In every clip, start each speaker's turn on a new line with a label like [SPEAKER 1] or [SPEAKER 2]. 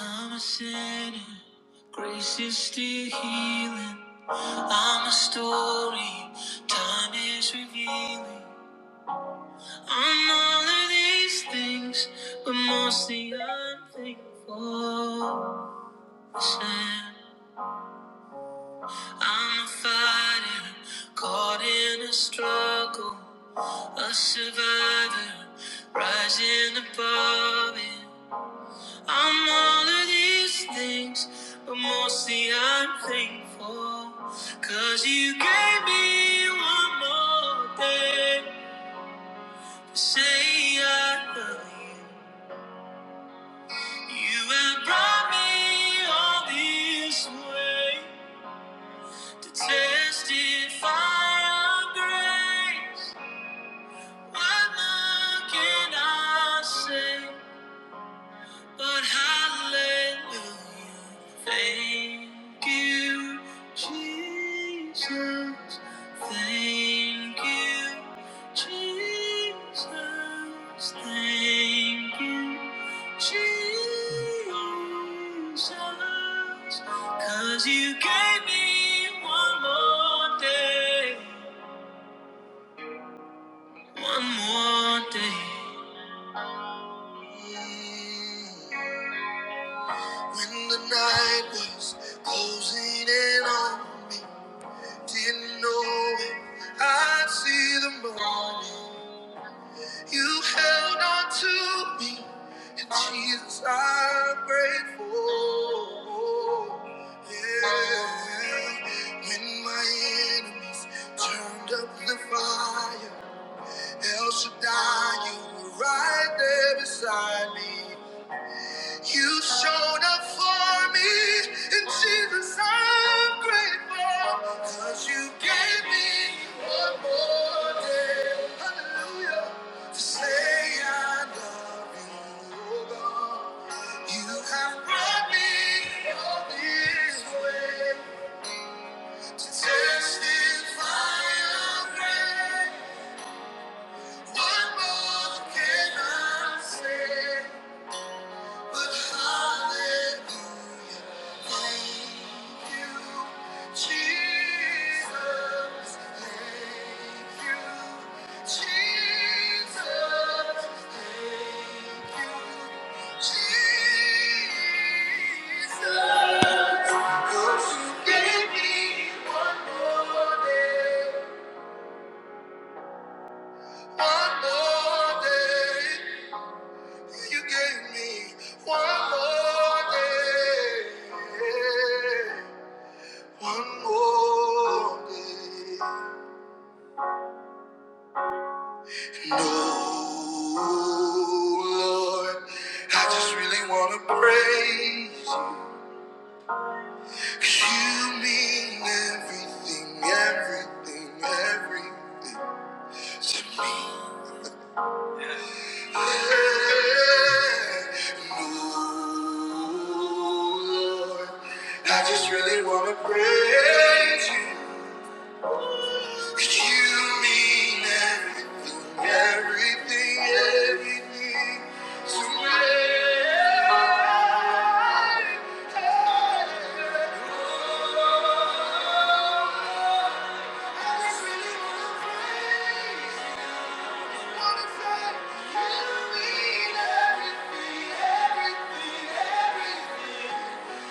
[SPEAKER 1] I'm a sinner, grace is still healing. I'm a story, time is revealing. I'm all of these things, but mostly I'm thankful. Sam. I'm a fighter, caught in a struggle, a survivor, rising above it. I'm all of these things, but mostly I'm thankful. Cause you gave me one more day to say I love you. You have brought me all this way to testify of grace. What more can I say? But hallelujah, thank you, Jesus. Thank you, Jesus. Thank you, Jesus. 'Cause you gave me one more day, one more day. When the night was closing in on, didn't know if I'd see the morning. You held on to me, and Jesus, I'm grateful. Yeah. When my enemies turned up the fire, El Shaddai, you were right there beside me. You showed up for me, and Jesus, I'm grateful, 'cause you gave me more day. Hallelujah, to say I love you, oh God. You have brought me all this way to testify of grace. What more can I say? But hallelujah, thank you, Jesus. Thank you, Jesus. Thank you, Jesus. 'Cause you gave me one more day, one more day. You gave me one more day. One more day. No, Lord, I just really want to praise you. 'Cause you mean everything, everything, everything to me. I just really wanna praise you. 'Cause you mean everything, everything, everything to me.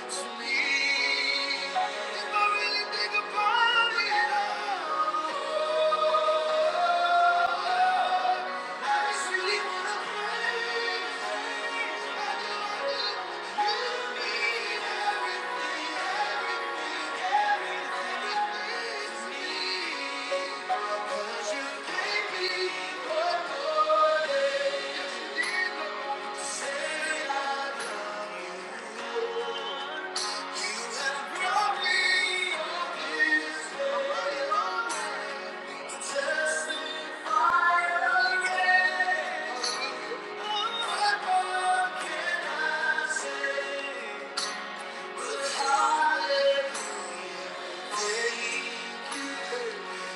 [SPEAKER 1] To me. What more can I say?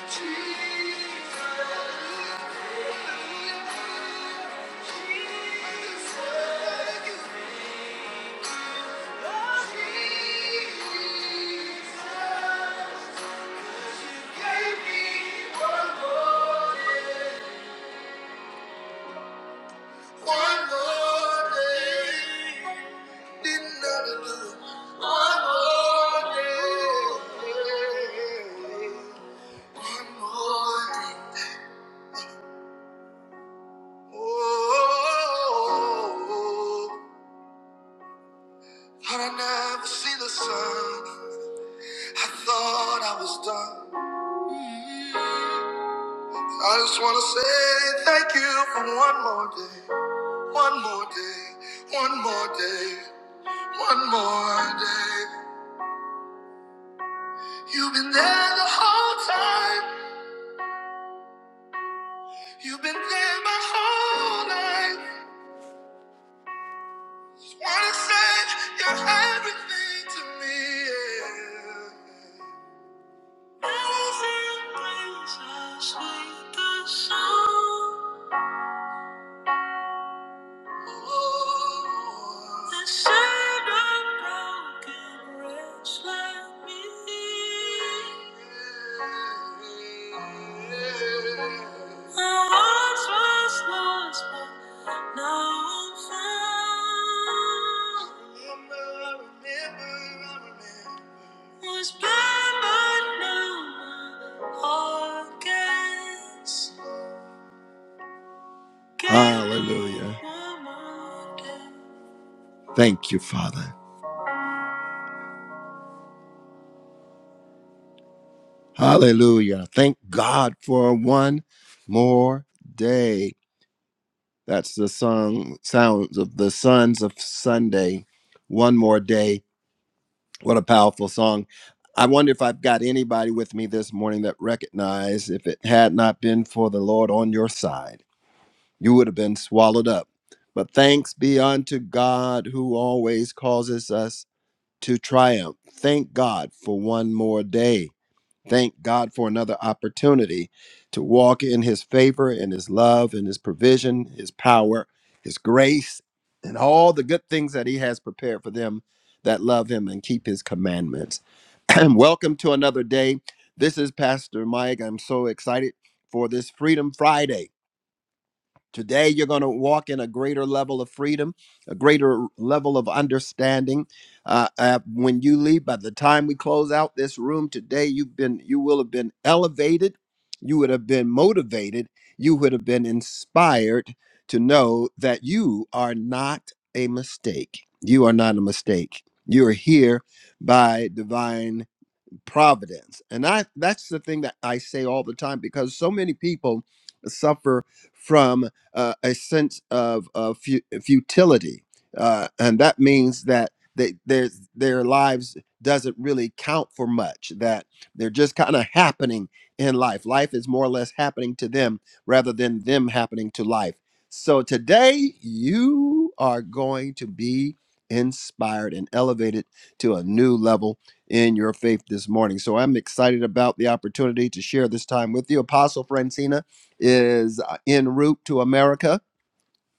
[SPEAKER 1] Jesus. I just wanna say thank you for one more day. One more day, one more day, one more day. You've been there the whole time. You've been there my whole life. Just wanna say you're everything to me. yeah. Amazing grace, how sweet the sound. like was lost, but now my heart gets- Hallelujah. Thank you, Father. Hallelujah. Thank God for one more day. That's the song sounds of the sons of Sunday. One more day. What a powerful song. I wonder if I've got anybody with me this morning that recognized if it had not been for the Lord on your side, you would have been swallowed up. But thanks be unto God who always causes us to triumph. Thank God for one more day. Thank God for another opportunity to walk in his favor and his love and his provision, his power, his grace, and all the good things that he has prepared for them that love him and keep his commandments. And welcome to another day. This is Pastor Mike. I'm so excited for this Freedom Friday. Today, you're going to walk in a greater level of freedom, a greater level of understanding. Uh, uh, when you leave, by the time we close out this room today, you've been, you will have been elevated. You would have been motivated. You would have been inspired to know that you are not a mistake. You are not a mistake. You are here by divine providence and i that's the thing that i say all the time because so many people suffer from uh, a sense of, of fu- futility uh, and that means that they, their their lives doesn't really count for much that they're just kind of happening in life life is more or less happening to them rather than them happening to life so today you are going to be inspired and elevated to a new level in your faith this morning. So I'm excited about the opportunity to share this time with you. Apostle Francina is uh, en route to America.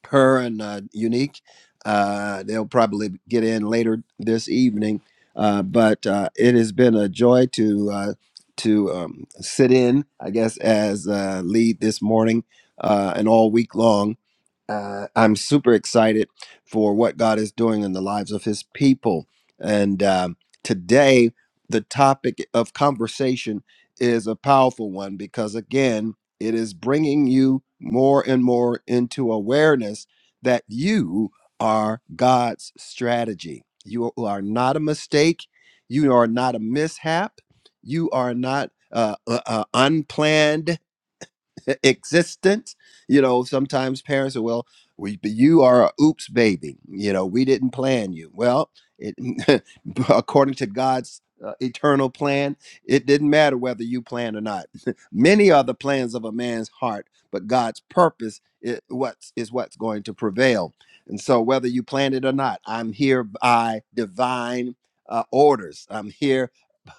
[SPEAKER 1] Her and uh, Unique, uh, they'll probably get in later this evening. Uh, but uh, it has been a joy to uh, to um, sit in, I guess, as uh, lead this morning uh, and all week long uh, I'm super excited for what God is doing in the lives of His people. And um, today, the topic of conversation is a powerful one because, again, it is bringing you more and more into awareness that you are God's strategy. You are not a mistake. You are not a mishap. You are not uh, uh, uh, unplanned. existence. You know, sometimes parents are, well, we, you are a oops baby. You know, we didn't plan you. Well, it, according to God's uh, eternal plan, it didn't matter whether you planned or not. Many are the plans of a man's heart, but God's purpose is what's, is what's going to prevail. And so, whether you planned it or not, I'm here by divine uh, orders. I'm here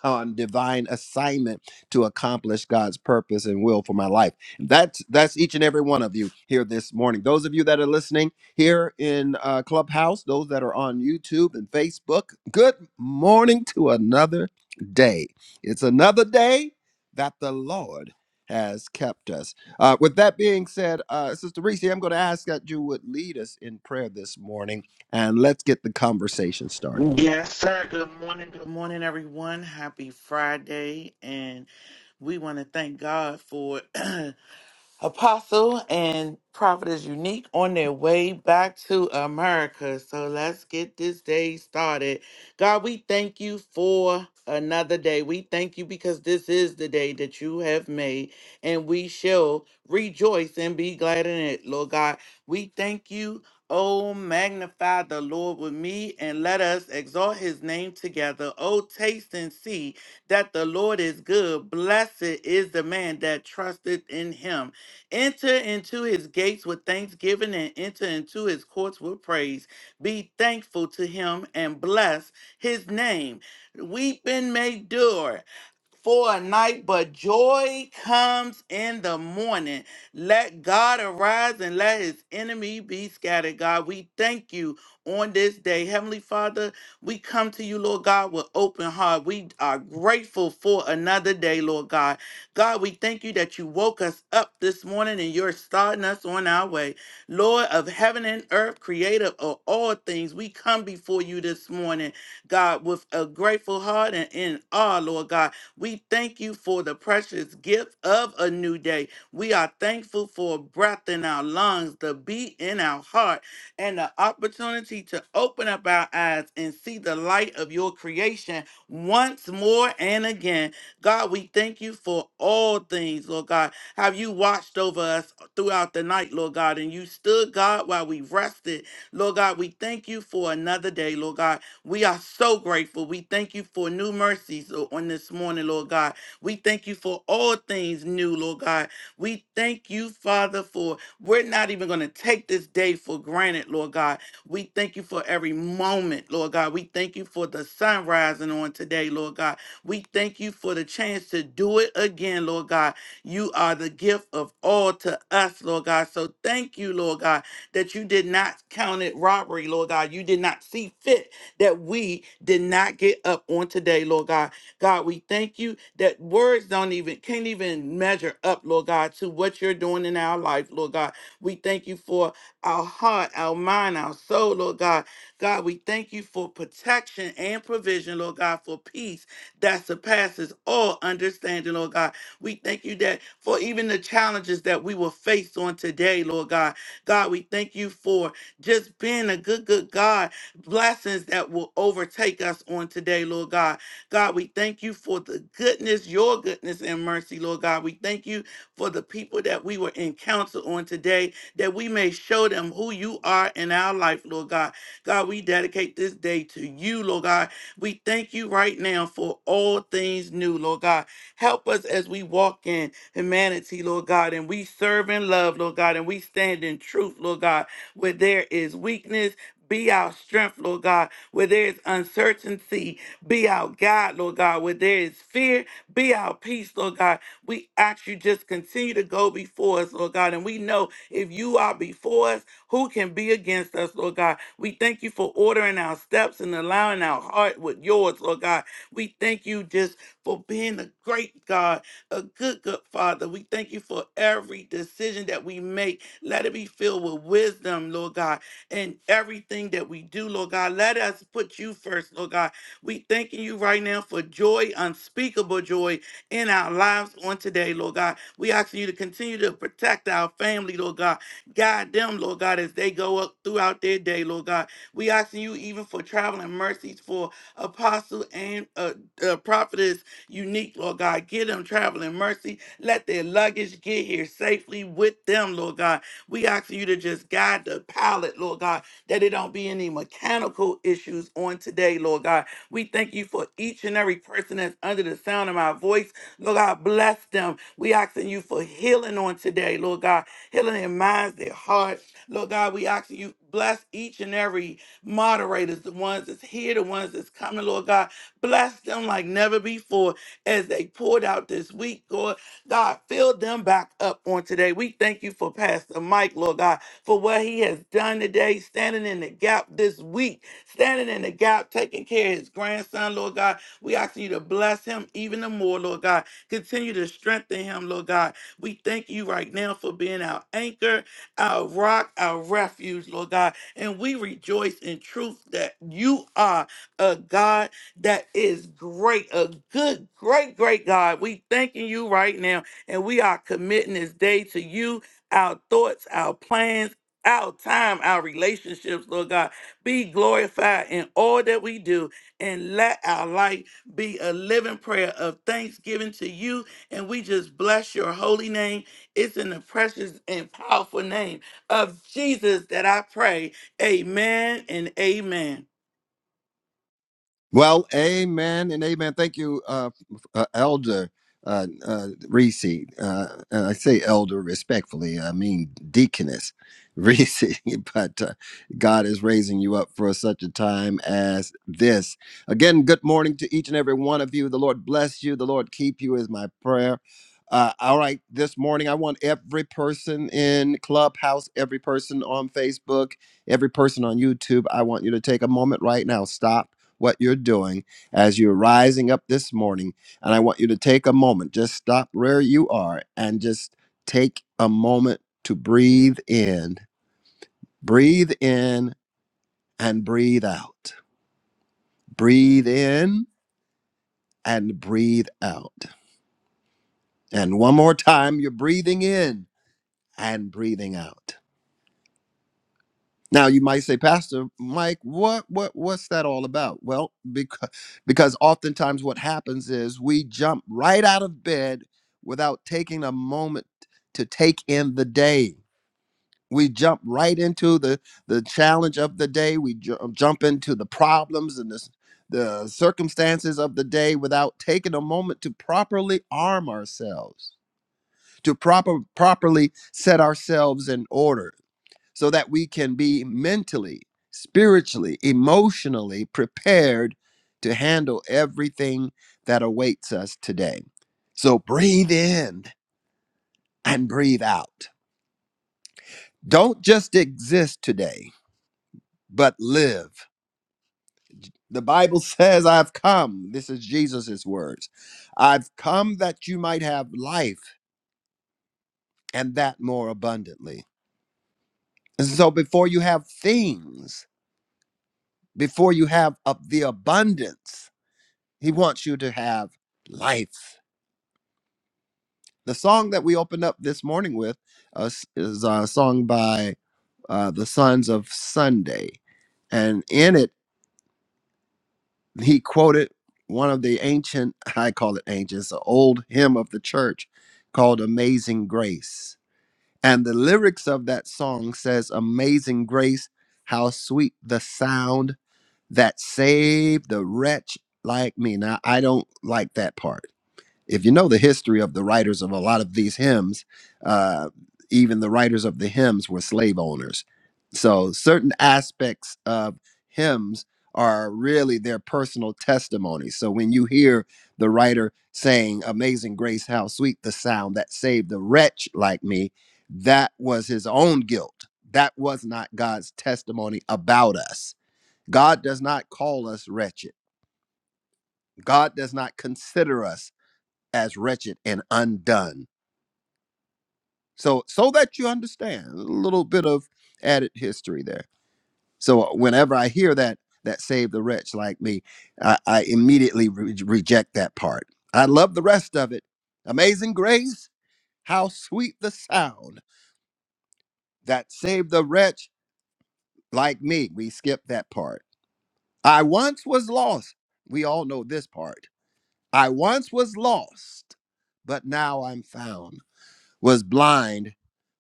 [SPEAKER 1] on divine assignment to accomplish God's purpose and will for my life. That's that's each and every one of you here this morning. Those of you that are listening here in uh, Clubhouse, those that are on YouTube and Facebook, good morning to another day. It's another day that the Lord has kept us. Uh, with that being said, uh, Sister Reese, I'm going to ask that you would lead us in prayer this morning, and let's get the conversation started.
[SPEAKER 2] Yes, sir. Good morning. Good morning, everyone. Happy Friday. And we want to thank God for Apostle and Prophet is Unique on their way back to America. So let's get this day started. God, we thank you for another day. We thank you because this is the day that you have made, and we shall rejoice and be glad in it, Lord God. We thank you. Oh, magnify the Lord with me and let us exalt his name together. Oh, taste and see that the Lord is good. Blessed is the man that trusteth in him. Enter into his gates with thanksgiving and enter into his courts with praise. Be thankful to him and bless his name. Weeping may endure for a night, but joy comes in the morning. Let God arise and let his enemy be scattered. God, we thank you on this day. Heavenly Father, we come to you, Lord God, with open heart. We are grateful for another day, Lord God. God, we thank you that you woke us up this morning and you're starting us on our way. Lord of heaven and earth, creator of all things, we come before you this morning, God, with a grateful heart and in awe, Lord God we thank you for the precious gift of a new day. We are thankful for breath in our lungs, the beat in our heart, and the opportunity to open up our eyes and see the light of your creation once more and again. God, we thank you for all things, Lord God. Have you watched over us throughout the night, Lord God, and you stood, God, while we rested. Lord God, we thank you for another day, Lord God. We are so grateful. We thank you for new mercies o- on this morning, Lord God. We thank you for all things new, Lord God. We thank you, Father, for we're not even going to take this day for granted, Lord God. We thank you for every moment, Lord God. We thank you for the sun rising on today, Lord God. We thank you for the chance to do it again, Lord God. You are the gift of all to us, Lord God. So thank you, Lord God, that you did not count it robbery, Lord God. You did not see fit that we did not get up on today, Lord God. God, we thank you that words don't even, can't even measure up, Lord God, to what you're doing in our life, Lord God. We thank you for our heart, our mind, our soul, Lord God. God, we thank you for protection and provision, Lord God, for peace that surpasses all understanding, Lord God. We thank you that for even the challenges that we will face on today, Lord God. God, we thank you for just being a good, good God blessings that will overtake us on today, Lord God. God, we thank you for the goodness, your goodness and mercy, Lord God. We thank you for the people that we were in counsel on today, that we may show them who you are in our life, Lord God. God, we dedicate this day to you, Lord God. We thank you right now for all things new, Lord God. Help us as we walk in humanity, Lord God, and we serve in love, Lord God, and we stand in truth, Lord God, where there is weakness. Be our strength, Lord God, where there is uncertainty. Be our God, Lord God, where there is fear. Be our peace, Lord God. We ask you just continue to go before us, Lord God. And we know if you are before us, who can be against us, Lord God? We thank you for ordering our steps and allowing our heart with yours, Lord God. We thank you just for being a great God, a good, good Father. We thank you for every decision that we make. Let it be filled with wisdom, Lord God in everything that we do, Lord God. Let us put you first, Lord God. We thanking you right now for joy, unspeakable joy in our lives on today, Lord God. We asking you to continue to protect our family, Lord God. Guide them, Lord God, as they go up throughout their day, Lord God. We asking you even for traveling mercies for apostle and uh, uh, prophetess unique, Lord God. Give them traveling mercy. Let their luggage get here safely with them, Lord God. We ask you to just guide the pilot, Lord God, that it don't be any mechanical issues on today, Lord God. We thank you for each and every person that's under the sound of my voice. Lord God, bless them. We asking you for healing on today, Lord God, healing their minds, their hearts. Lord God, we asking you bless each and every moderators, the ones that's here, the ones that's coming, Lord God. Bless them like never before as they poured out this week, God. God, fill them back up on today. We thank you for Pastor Mike, Lord God, for what he has done today, standing in the gap this week, standing in the gap, taking care of his grandson, Lord God. We ask you to bless him even the more, Lord God. Continue to strengthen him, Lord God. We thank you right now for being our anchor, our rock, our refuge, Lord God. And we rejoice in truth that you are a God that is great, a good, great, great God. We thanking you right now, and we are committing this day to you, our thoughts, our plans, our time, our relationships, Lord God. Be glorified in all that we do, and let our life be a living prayer of thanksgiving to you. And we just bless your holy name. It's in the precious and powerful name of Jesus that I pray. Amen and amen.
[SPEAKER 1] Well, amen and amen. Thank you, uh, uh, Elder uh, uh, Reese. Uh, and I say elder respectfully, I mean deaconess Reese. but uh, God is raising you up for such a time as this. Again, good morning to each and every one of you. The Lord bless you, the Lord keep you, is my prayer. Uh, all right, this morning I want every person in Clubhouse, every person on Facebook, every person on YouTube. I want you to take a moment right now. Stop what you're doing as you're rising up this morning. And I want you to take a moment, just stop where you are and just take a moment to breathe in, breathe in and breathe out, breathe in and breathe out. And one more time, you're breathing in and breathing out. Now you might say, Pastor Mike, what what what's that all about? Well, because because oftentimes what happens is we jump right out of bed without taking a moment to take in the day. We jump right into the the challenge of the day. We ju- um, jump into the problems and the s- the circumstances of the day without taking a moment to properly arm ourselves, to proper properly set ourselves in order so that we can be mentally, spiritually, emotionally prepared to handle everything that awaits us today. So breathe in and breathe out. Don't just exist today, but live. The Bible says, I've come. This is Jesus' words. I've come that you might have life and that more abundantly. And so before you have things, before you have of the abundance, He wants you to have life. The song that we opened up this morning with uh, s- is a song by uh, the Sons of Sunday. And in it, he quoted one of the ancient, I call it ancient, it's an old hymn of the church called Amazing Grace. And the lyrics of that song says, Amazing Grace, how sweet the sound that saved the wretch like me. Now, I don't like that part if you know the history of the writers of a lot of these hymns, uh, even the writers of the hymns were slave owners. So certain aspects of hymns are really their personal testimony. So when you hear the writer saying, Amazing grace, how sweet the sound that saved a wretch like me, that was his own guilt. That was not God's testimony about us. God does not call us wretched. God does not consider us as wretched and undone So, so that you understand a little bit of added history there. So, uh, whenever I hear that that save the wretch like me, I, I immediately re- reject that part. I love the rest of it. Amazing grace, how sweet the sound that saved the wretch like me. We skip that part. I once was lost. We all know this part. I once was lost, but now I'm found. Was blind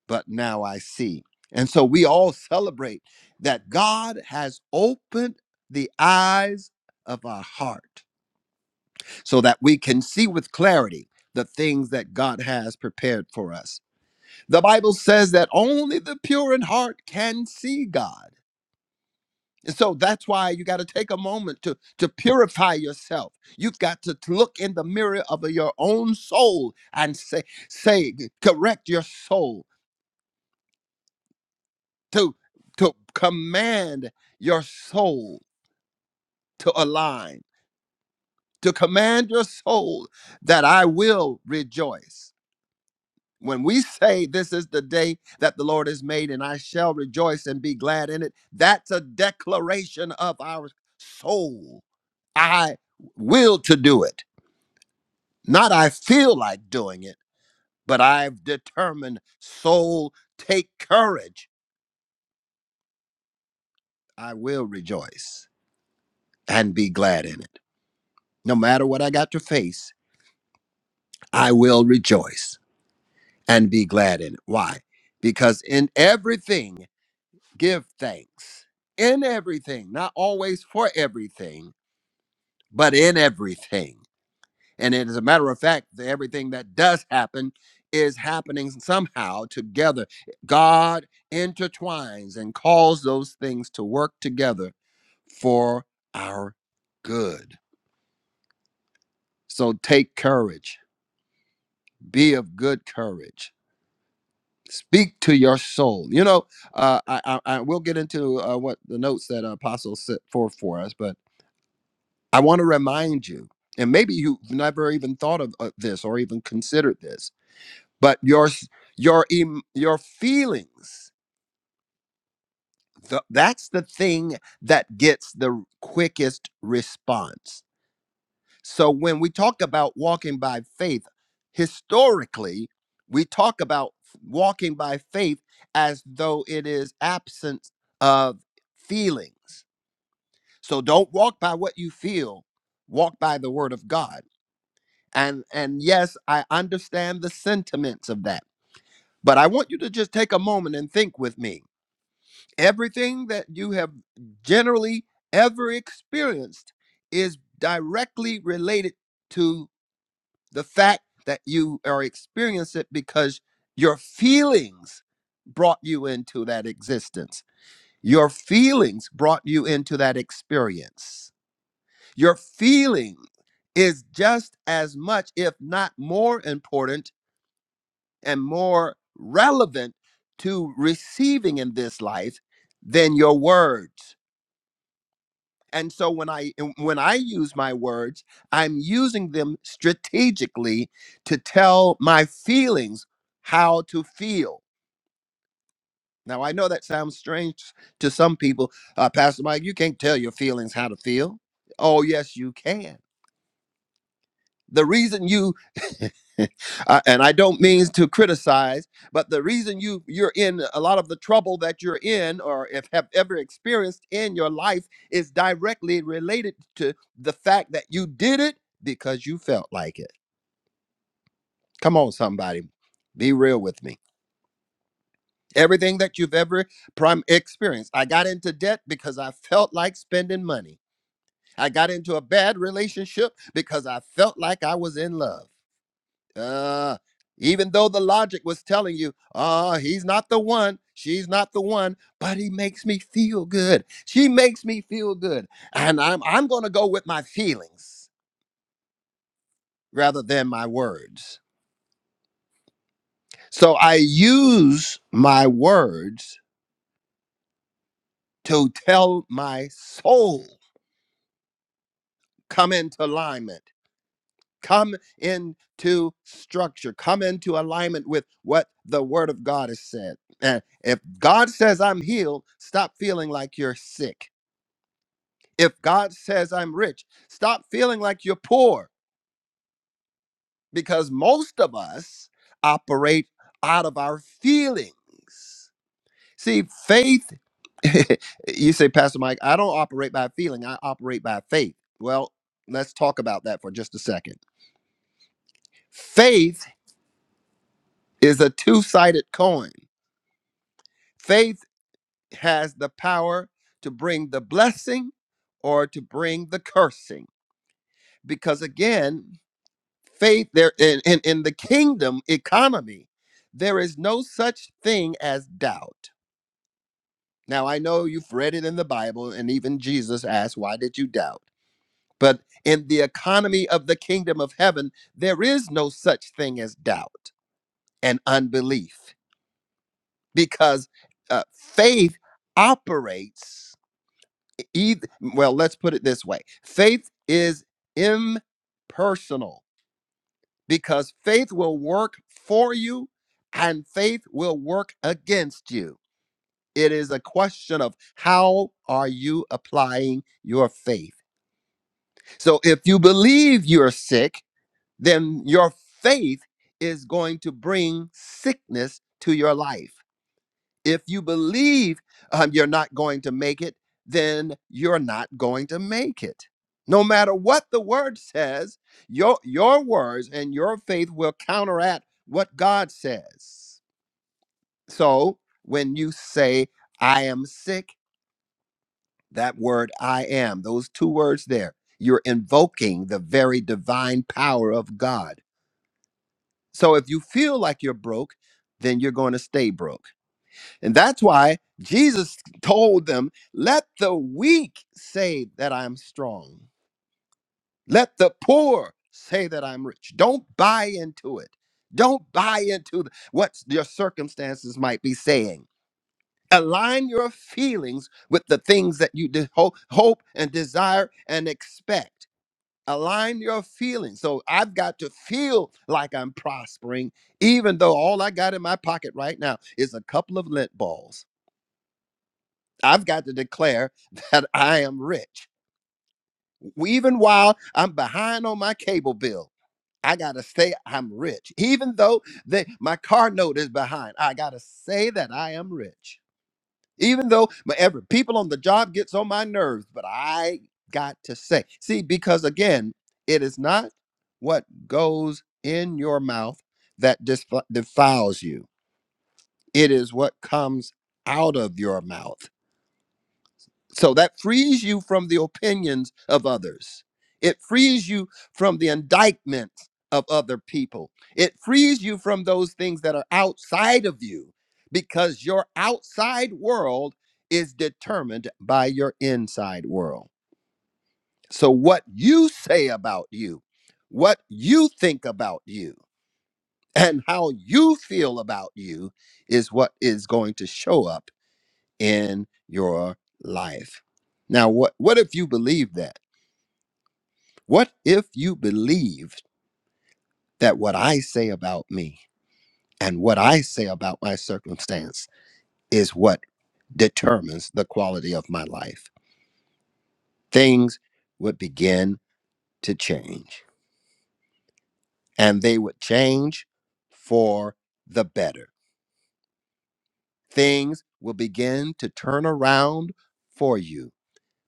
[SPEAKER 1] but now I see. And so we all celebrate that God has opened the eyes of our heart so that we can see with clarity the things that God has prepared for us. The Bible says that only the pure in heart can see God. And so that's why you got to take a moment to, to purify yourself. You've got to t- look in the mirror of your own soul and say, say, correct your soul to to command your soul to align to command your soul that i will rejoice when we say this is the day that the lord has made and i shall rejoice and be glad in it that's a declaration of our soul i will to do it not i feel like doing it but i've determined soul take courage i will rejoice and be glad in it No matter what I got to face, I will rejoice and be glad in it. Why? Because in everything, give thanks. In everything, not always for everything, but in everything. And as a matter of fact, the everything that does happen is happening somehow together. God intertwines and calls those things to work together for our good. So take courage, be of good courage speak to your soul. You know, uh, I, I, I will get into uh, what the notes that Apostle set forth for us, but I want to remind you, and maybe you've never even thought of uh, this or even considered this, but your s- your em- your feelings, th- that's the thing that gets the quickest response So when we talk about walking by faith, historically, we talk about walking by faith as though it is absence of feelings. So don't walk by what you feel, walk by the word of God. And and yes, I understand the sentiments of that. But I want you to just take a moment and think with me. Everything that you have generally ever experienced is directly related to. the fact that you are experiencing it because your feelings brought you into that existence. Your feelings brought you into that experience. Your feeling is just as much, if not more important and more relevant to receiving in this life than your words. And so when I when I use my words, I'm using them strategically to tell my feelings how to feel. Now I know that sounds strange to some people. Uh, Pastor Mike, you can't tell your feelings how to feel. Oh yes, you can the reason you uh, and I don't mean to criticize, but the reason you you're in a lot of the trouble that you're in or if have ever experienced in your life is directly related to the fact that you did it because you felt like it. Come on somebody, be real with me. Everything that you've ever prime experienced. I got into debt because I felt like spending money. I got into a bad relationship because I felt like I was in love. Uh, even though the logic was telling you, uh, he's not the one, she's not the one, but he makes me feel good. She makes me feel good. And I'm I'm gonna go with my feelings rather than my words. So I use my words to tell my soul come into alignment Come into structure, come into alignment with what the Word of God has said. And if God says I'm healed, stop feeling like you're sick. If God says I'm rich, stop feeling like you're poor because most of us operate out of our feelings. See, faith, you say, Pastor Mike, I don't operate by feeling, I operate by faith. Well, let's talk about that for just a second. Faith is a two sided coin. Faith has the power to bring the blessing or to bring the cursing. Because again, faith there in, in, in the kingdom economy, there is no such thing as doubt. Now I know you've read it in the Bible, and even Jesus asked, Why did you doubt? But in the economy of the kingdom of heaven, there is no such thing as doubt and unbelief because uh, faith operates Either, well, let's put it this way faith is impersonal because faith will work for you and faith will work against you. It is a question of how are you applying your faith. So if you believe you're sick, then your faith is going to bring sickness to your life. If you believe um, you're not going to make it, then you're not going to make it. No matter what the word says, your, your words and your faith will counteract what God says. So when you say, I am sick, that word I am, those two words there, you're invoking the very divine power of God. So if you feel like you're broke, then you're going to stay broke. And that's why Jesus told them, Let the weak say that I'm strong. Let the poor say that I'm rich. Don't buy into it. Don't buy into th- what your circumstances might be saying. Align your feelings with the things that you de- ho- hope and desire and expect. Align your feelings. So I've got to feel like I'm prospering, even though all I got in my pocket right now is a couple of lint balls. I've got to declare that I am rich. Even while I'm behind on my cable bill, I gotta say I'm rich. Even though that my car note is behind, I gotta say that I am rich. Even though my every people on the job gets on my nerves, but I got to say. See, because again, it is not what goes in your mouth that dis- defiles you. It is what comes out of your mouth. So that frees you from the opinions of others. It frees you from the indictment of other people. It frees you from those things that are outside of you because your outside world is determined by your inside world. So, what you say about you, what you think about you, and how you feel about you is what is going to show up in your life. Now, what, what if you believe that? What if you believed that what I say about me and what I say about my circumstance is what determines the quality of my life? Things would begin to change, and they would change for the better. Things will begin to turn around for you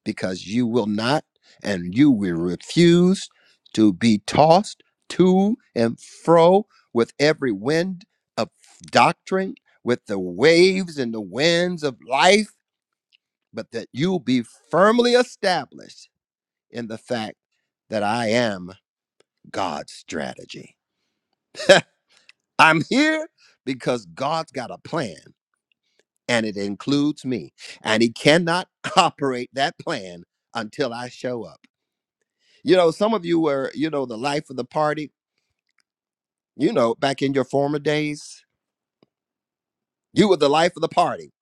[SPEAKER 1] because you will not and you will refuse to be tossed to and fro with every wind of doctrine, with the waves and the winds of life, but that you'll be firmly established in the fact that I am God's strategy. I'm here because God's got a plan and it includes me, and He cannot operate that plan until I show up. You know, some of you were, you know, the life of the party. You know, back in your former days, you were the life of the party.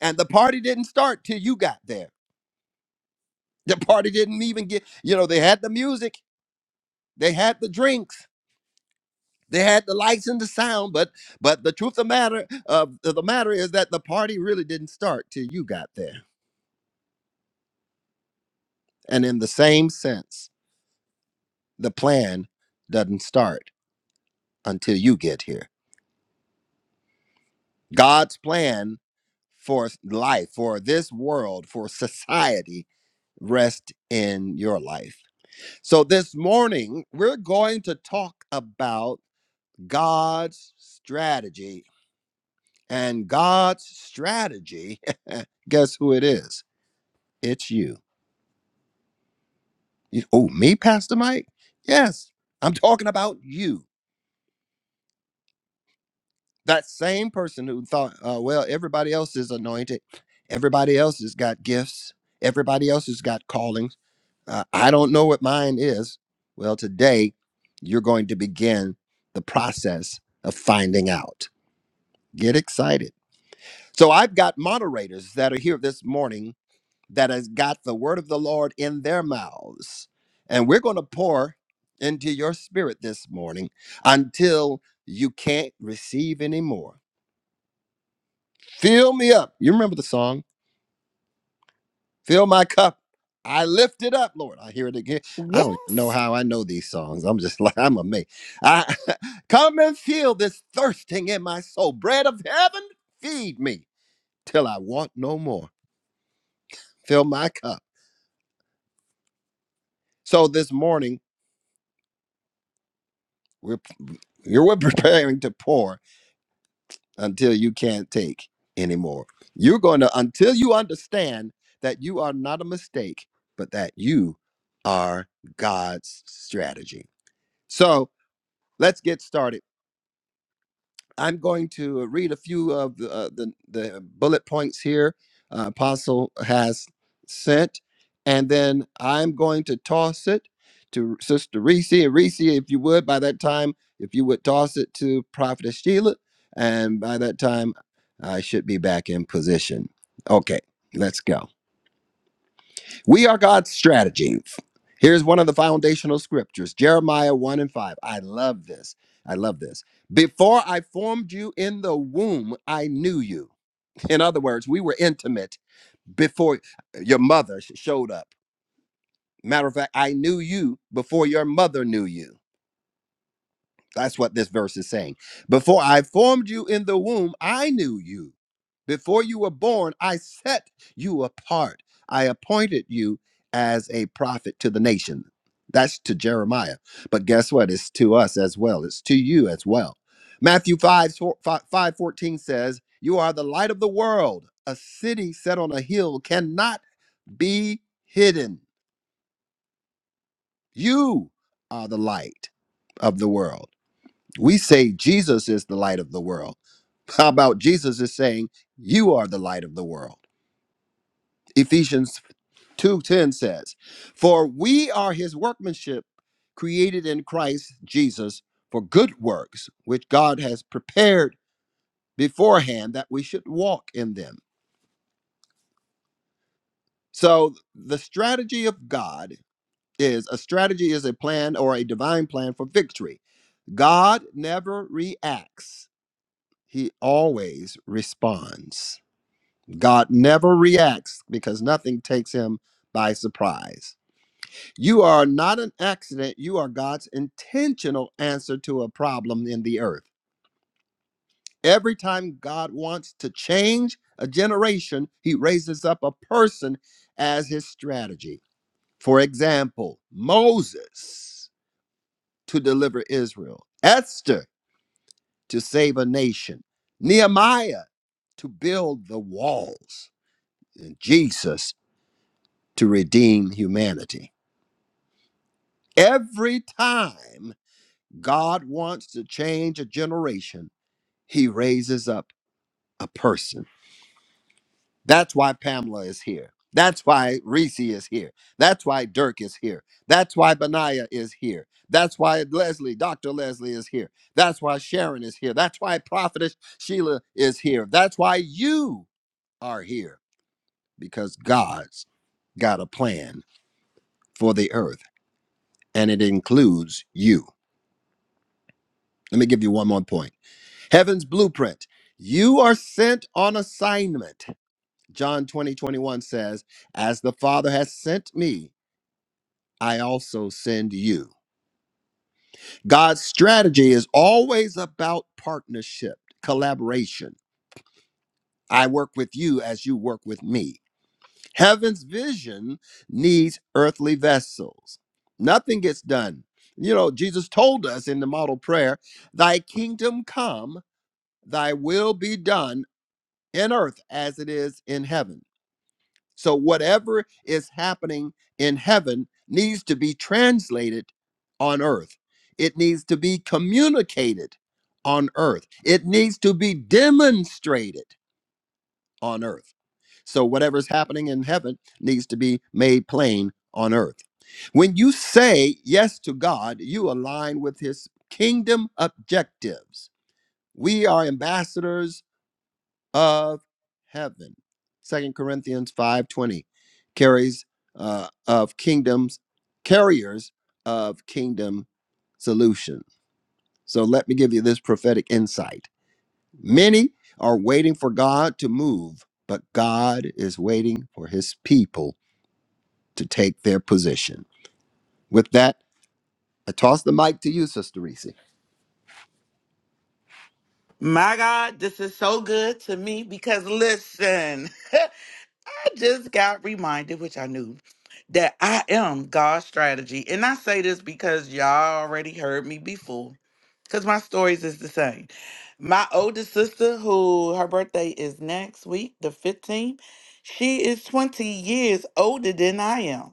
[SPEAKER 1] And the party didn't start till you got there. The party didn't even get, you know, they had the music, they had the drinks, they had the lights and the sound, but but the truth of the matter of the matter is that the party really didn't start till you got there. And in the same sense, the plan doesn't start until you get here. God's plan for life, for this world, for society rest in your life. So, this morning, we're going to talk about God's strategy. And God's strategy, guess who it is? It's you. You- Oh, me, Pastor Mike? Yes, I'm talking about you. That same person who thought, uh, well, everybody else is anointed, everybody else has got gifts, everybody else has got callings. Uh, I don't know what mine is. Well, today you're going to begin the process of finding out. Get excited. So I've got moderators that are here this morning that has got the word of the Lord in their mouths. And we're going to pour into your spirit this morning until you can't receive anymore. Fill me up. You remember the song? Fill my cup. I lift it up, Lord. I hear it again. I don't even know
[SPEAKER 3] Yes.
[SPEAKER 1] how I know these songs. I'm just like, I'm amazed. I, come and feel this thirsting in my soul. Bread of heaven, feed me till I want no more. Fill my cup. So this morning, we're, you're preparing to pour until you can't take anymore. You're going to, until you understand that you are not a mistake, but that you are God's strategy. So, Let's get started. I'm going to uh, read a few of the, uh, the, the bullet points here uh, Apostle has sent, and then I'm going to toss it to Sister Reese. Reese, if you would, by that time, if you would toss it to Prophetess Sheila, and by that time, I should be back in position. Okay, let's go. We are God's strategies. Here's one of the foundational scriptures Jeremiah 1 and 5. I love this. I love this. Before I formed you in the womb, I knew you. In other words, we were intimate before your mother sh- showed up. Matter of fact, I knew you before your mother knew you. That's what this verse is saying. Before I formed you in the womb, I knew you. Before you were born, I set you apart. I appointed you as a prophet to the nation. That's to Jeremiah. But guess what? It's to us as well. It's to you as well. Matthew 5, four- 5 five fourteen says, You are the light of the world. A city set on a hill cannot be hidden. You are the light of the world. We say Jesus is the light of the world. How about Jesus is saying, You are the light of the world? Ephesians 2:10 says, For we are his workmanship, created in Christ Jesus for good works, which God has prepared beforehand that we should walk in them. So the strategy of God is a strategy is a plan or a divine plan for victory. God never reacts, he always responds. God never reacts because nothing takes him by surprise. You are not an accident, you are God's intentional answer to a problem in the earth. Every time God wants to change a generation, he raises up a person as his strategy. For example, Moses to deliver Israel, Esther to save a nation, Nehemiah to build the walls, and Jesus to redeem humanity. Every time God wants to change a generation, he raises up a person. That's why Pamela is here. That's why Reese is here. That's why Dirk is here. That's why Benaiah is here. That's why Leslie, Dr. Leslie is here. That's why Sharon is here. That's why Prophetess Sheila is here. That's why you are here because God's got a plan for the earth and it includes you. Let me give you one more point Heaven's blueprint. You are sent on assignment. John 20 21 says, As the Father has sent me, I also send you. God's strategy is always about partnership, collaboration. I work with you as you work with me. Heaven's vision needs earthly vessels. Nothing gets done. You know, Jesus told us in the model prayer, Thy kingdom come, thy will be done in earth as it is in heaven. So, whatever is happening in heaven needs to be translated on earth. It needs to be communicated on earth. It needs to be demonstrated on earth. So, whatever's happening in heaven needs to be made plain on earth. When you say yes to God, you align with his kingdom objectives. We are ambassadors of heaven. Second Corinthians 5:20 carries uh, of kingdoms, carriers of kingdom solution. So let me give you this prophetic insight. Many are waiting for God to move, but God is waiting for his people to take their position. With that, I toss the mic to you, Sister Reese.
[SPEAKER 2] My God, this is so good to me because listen, I just got reminded, which I knew, that I am God's strategy. And I say this because y'all already heard me before, because my stories is the same. My oldest sister, who her birthday is next week, the 15th, she is 20 years older than I am.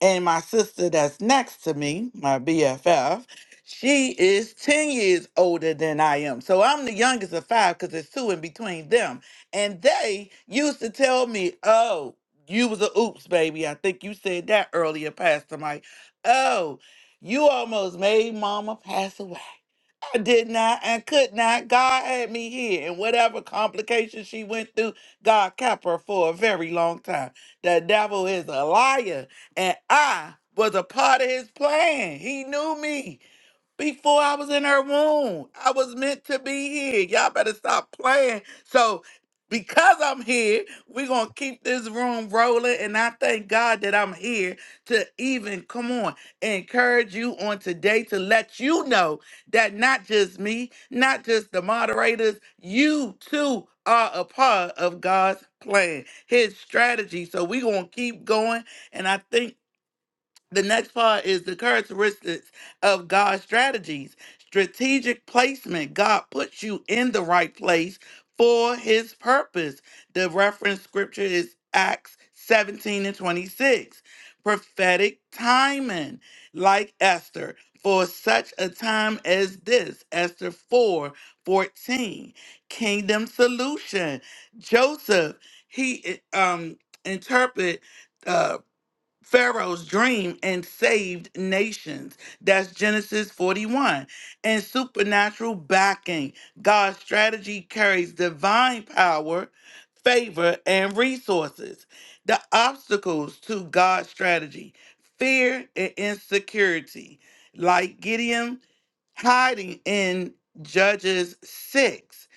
[SPEAKER 2] And my sister that's next to me, my BFF, she is 10 years older than I am. So I'm the youngest of five because there's two in between them. And they used to tell me, oh, you was a oops, baby. I think you said that earlier, Pastor Mike. Oh, you almost made mama pass away. I did not and could not. God had me here. And whatever complications she went through, God kept her for a very long time. The devil is a liar and I was a part of his plan. He knew me before I was in her womb. I was meant to be here. Y'all better stop playing. So, because I'm here, we're going to keep this room rolling. And I thank God that I'm here to even, come on, encourage you on today to let you know that not just me, not just the moderators, you too are a part of God's plan, his strategy. So we're going to keep going. And I think. The next part is the characteristics of God's strategies. Strategic placement. God puts you in the right place for his purpose. The reference scripture is Acts 17 and 26. Prophetic timing, like Esther, for such a time as this. Esther 4 14. Kingdom solution. Joseph, he um interpret. uh, Pharaoh's dream and saved nations. That's Genesis 41. And supernatural backing. God's strategy carries divine power, favor, and resources. The obstacles to God's strategy fear and insecurity, like Gideon hiding in Judges 6.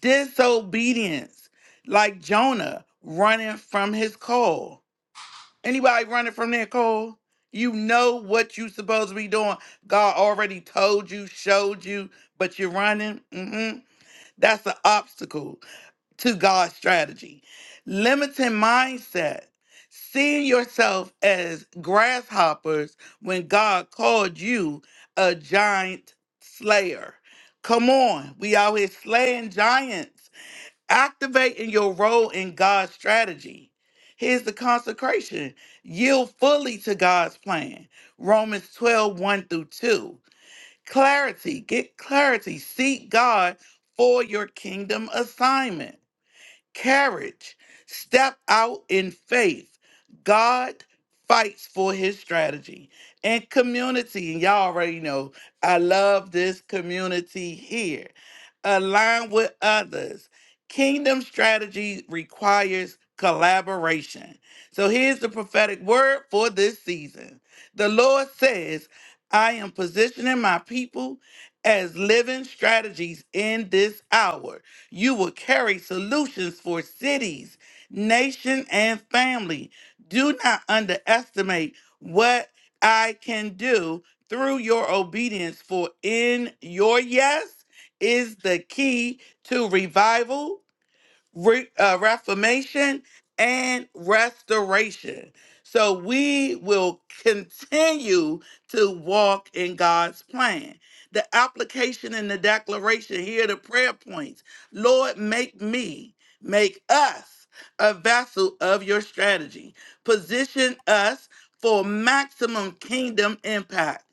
[SPEAKER 2] Disobedience, like Jonah running from his call Anybody running from that call? You know what you supposed to be doing. God already told you, showed you, but you're running. hmm That's an obstacle to God's strategy. Limiting mindset, seeing yourself as grasshoppers when God called you a giant slayer. Come on, we out here slaying giants activating your role in God's strategy. Here's the consecration yield fully to God's plan. Romans twelve one through 2. Clarity, get clarity, seek God for your kingdom assignment. Courage. Step out in faith. God fights for his strategy and community. And y'all already know I love this community here. Align with others. Kingdom strategy requires collaboration. So here's the prophetic word for this season. The Lord says, I am positioning my people as living strategies in this hour you will carry solutions for cities, nation, and family. Do not underestimate what I can do through your obedience, for in your yes is the key to revival re, uh, reformation and restoration. So we will continue to walk in God's plan. The application and the declaration here, are the prayer points. Lord, make me, make us a vessel of your strategy. Position us for maximum kingdom impact.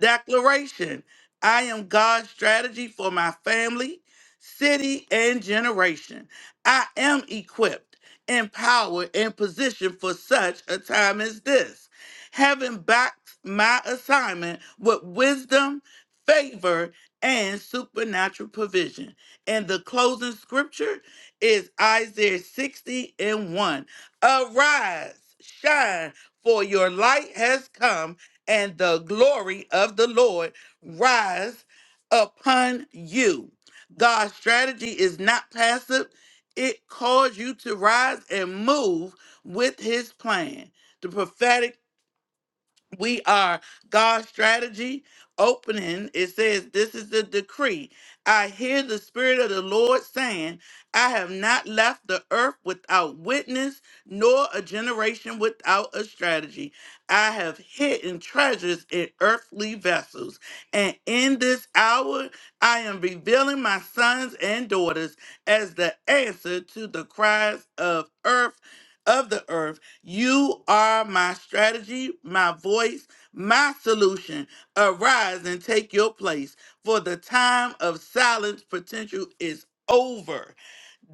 [SPEAKER 2] Declaration I am God's strategy for my family, city, and generation I am equipped, empowered, and positioned for such a time as this. Having backed my assignment with wisdom, favor, and supernatural provision. And the closing scripture is Isaiah 60 and 1. Arise, shine, for your light has come, and the glory of the Lord rise upon you. God's strategy is not passive, it calls you to rise and move with his plan. The prophetic we are God's strategy opening. It says, This is the decree. I hear the Spirit of the Lord saying, I have not left the earth without witness, nor a generation without a strategy. I have hidden treasures in earthly vessels. And in this hour, I am revealing my sons and daughters as the answer to the cries of earth. Of the earth you are my strategy, my voice, my solution. Arise and take your place, for the time of silence potential is over.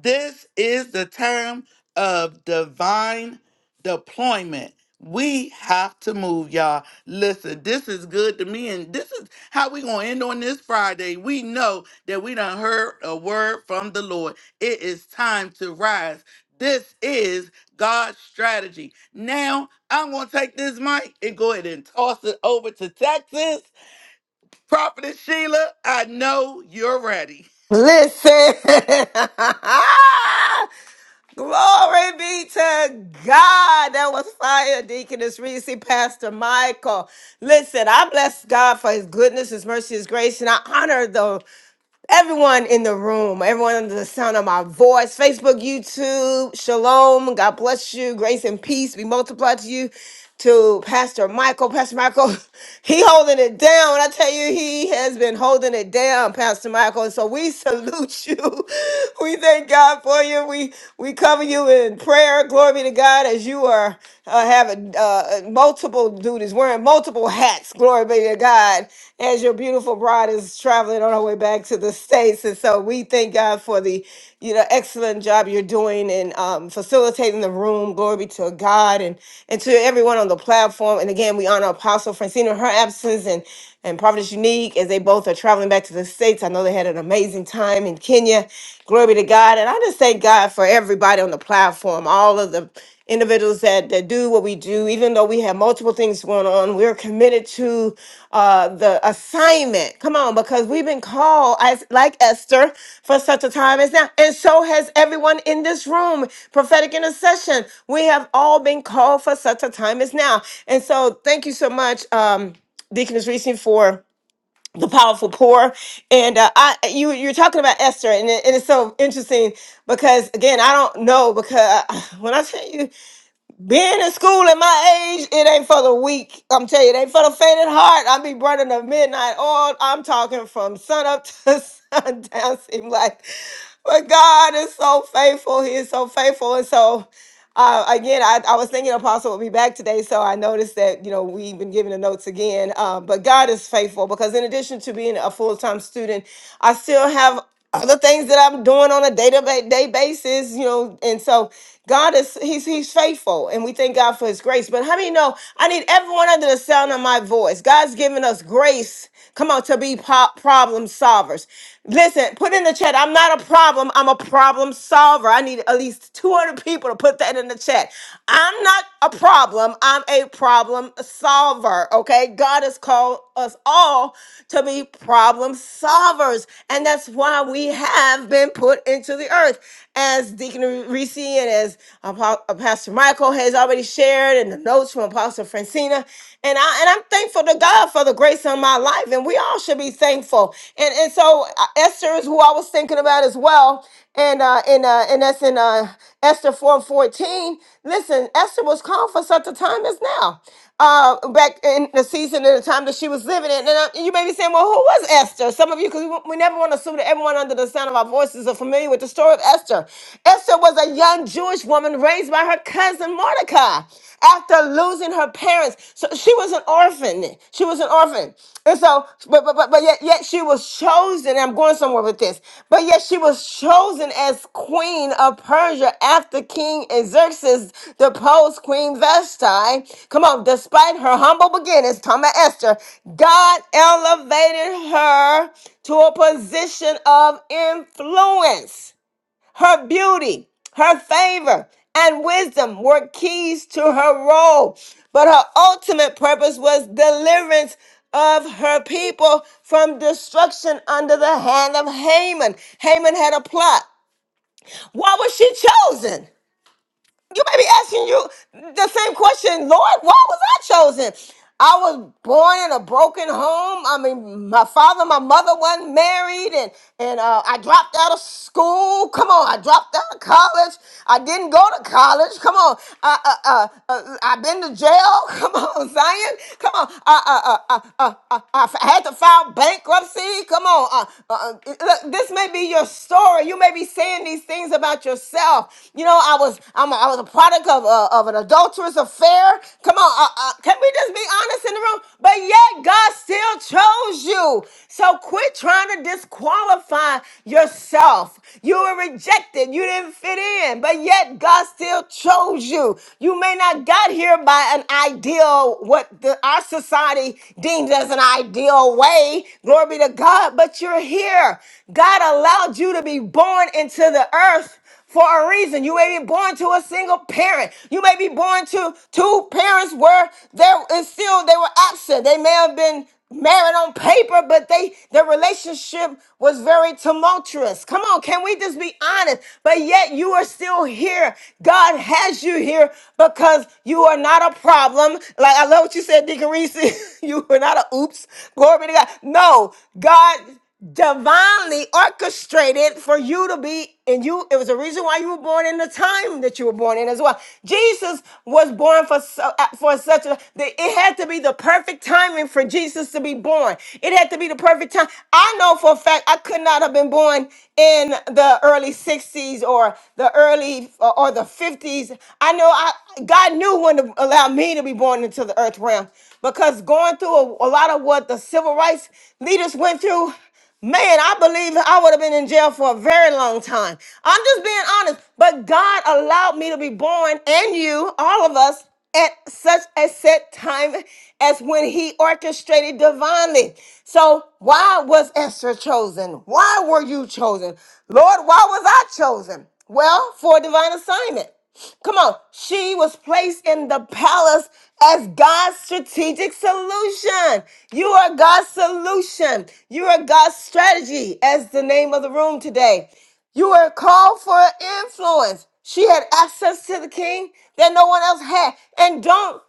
[SPEAKER 2] This is the term of divine deployment. We have to move, y'all. Listen, this is good to me, and this is how we gonna end on this Friday. We know that we done heard a word from the Lord. It is time to rise. This is God's strategy. Now I'm gonna take this mic and go ahead and toss it over to Texas. Prophetess Sheila, I know you're ready.
[SPEAKER 3] Listen. Glory be to God. That was fire, Deaconess Reese, Pastor Michael. Listen, I bless God for his goodness, his mercy, his grace, and I honor the everyone in the room, everyone under the sound of my voice, Facebook, YouTube, shalom. God bless you. Grace and peace be multiplied to you. To Pastor Michael, Pastor Michael, he holding it down. I tell you, he has been holding it down, Pastor Michael. So we salute you. We thank God for you. We we cover you in prayer. Glory be to God as you are uh, having uh, multiple duties, wearing multiple hats. Glory be to God. As your beautiful bride is traveling on her way back to the states, and so we thank God for the, you know, excellent job you're doing and um, facilitating the room. Glory be to God and and to everyone on the platform. And again, we honor Apostle Francine in her absence and and Providence Unique as they both are traveling back to the States. I know they had an amazing time in Kenya. Glory be to God. And I just thank God for everybody on the platform, all of the individuals that that do what we do, even though we have multiple things going on, we're committed to uh, the assignment. Come on, because we've been called as like Esther for such a time as now, and so has everyone in this room. Prophetic intercession, we have all been called for such a time as now, and so thank you so much, um, Deaconess Reese, for the powerful poor and uh, I you you're talking about Esther and, it, and it's so interesting because again I don't know because uh, when I tell you being in school at my age, it ain't for the weak. I'm telling you, it ain't for the faint at heart. I be burning the midnight oil. I'm talking from sun up to sundown. Seem like but God is so faithful. He is so faithful. And so, uh, again, I, I was thinking Apostle will be back today. So I noticed that, you know, we've been giving the notes again. Um, but God is faithful because, in addition to being a full time student, I still have other things that I'm doing on a day to day basis, you know. And so, God is, he's, he's faithful. And we thank God for his grace. But how many know I need everyone under the sound of my voice? God's given us grace, come on, to be po- problem solvers. Listen, put in the chat. I'm not a problem. I'm a problem solver. I need at least 200 people to put that in the chat. I'm not a problem. I'm a problem solver. Okay. God has called us all to be problem solvers. And that's why we have been put into the earth. As Deacon Reese and as Apo- uh, Pastor Michael has already shared, and the notes from Apostle Francina. And, I, and I'm thankful to thankful to God for the grace on my life, and we all should be thankful. And and so uh, Esther is who I was thinking about as well. And uh, and uh, and that's in uh, Esther four fourteen. Listen, Esther was called for such a time as now, uh, back in the season and the time that she was living in. And uh, you may be saying, well, who was Esther? Some of you, because we, we never want to assume that everyone under the sound of our voices are familiar with the story of Esther. Esther was a young Jewish woman raised by her cousin Mordecai after losing her parents. So she was an orphan. She was an orphan. And so, but but but, but yet yet she was chosen. And I'm going somewhere with this. But yet she was chosen as queen of Persia after King Xerxes deposed Queen Vashti. Come on, despite her humble beginnings, Thomas Esther, God elevated her to a position of influence. Her beauty, her favor, and wisdom were keys to her role, but her ultimate purpose was deliverance of her people from destruction under the hand of Haman. Haman had a plot. Why was she chosen? you may be asking you the same question, Lord, why was I chosen? I was born in a broken home. I mean, my father, my mother wasn't married, and and uh, I dropped out of school. Come on, I dropped out of college. I didn't go to college. Come on, I, uh, uh, uh, I've been to jail. Come on, Zion. Come on, I, uh, uh, uh, uh, uh, I had to file bankruptcy. Come on, uh, uh, uh, look, this may be your be your story. You may be saying these things about yourself. You know, I was I'm a, I was a product of uh, of an adulterous affair. Come on, uh, uh, can we just be honest in the room? But yet God still chose you. So quit trying to disqualify yourself. You were rejected. You didn't fit in, but yet God still chose you. You may not got here by an ideal what the, our society deems as as an ideal way. Glory be to God, but you're here. God allowed you to be born into the earth for a reason. You may be born to a single parent. You may be born to two parents where there is still they were absent. They may have been married on paper, but they their relationship was very tumultuous. Come on, can we just be honest? But yet you are still here. God has you here because you are not a problem. Like I love what you said, Deacon Reese. you are not a oops. Glory be to God. No, God divinely orchestrated for you to be and you it was a reason why you were born in the time that you were born in as well jesus was born for su- uh, for such a that it had to be the perfect timing for jesus to be born it had to be the perfect time i know for a fact i could not have been born in the early 60s or the early or, or the 50s i know i god knew when to allow me to be born into the earth realm because going through a, a lot of what the civil rights leaders went through Man, I believe I would have been in jail for a very long time. I'm just being honest. But God allowed me to be born and you, all of us, at such a set time as when he orchestrated divinely. So, why was Esther chosen? Why were you chosen? Lord, why was I chosen? Well, for a divine assignment. Come on. She was placed in the palace as God's strategic solution. You are God's solution. You are God's strategy, as the name of the room today. You were called for influence. She had access to the king that no one else had. And don't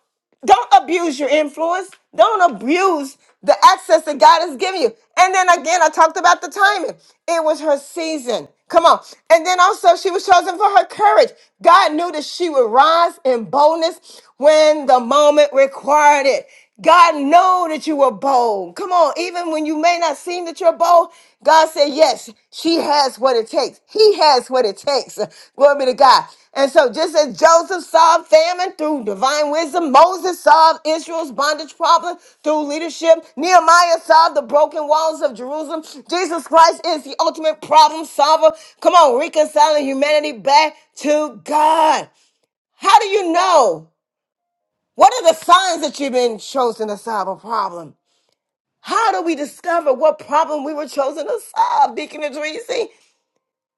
[SPEAKER 3] don't abuse your influence. Don't abuse the access that God has given you. And then again, I talked about the timing. It was her season. Come on. And then also, she was chosen for her courage. God knew that she would rise in boldness when the moment required it. God know that you were bold. Come on, even when you may not seem that you're bold, God said, Yes, she has what it takes. He has what it takes. Glory be to God. And so, just as Joseph solved famine through divine wisdom, Moses solved Israel's bondage problem through leadership, Nehemiah solved the broken walls of Jerusalem. Jesus Christ is the ultimate problem solver. Come on, reconciling humanity back to God. How do you know? What are the signs that you've been chosen to solve a problem? How do we discover what problem we were chosen to solve, Deacon Idrisi?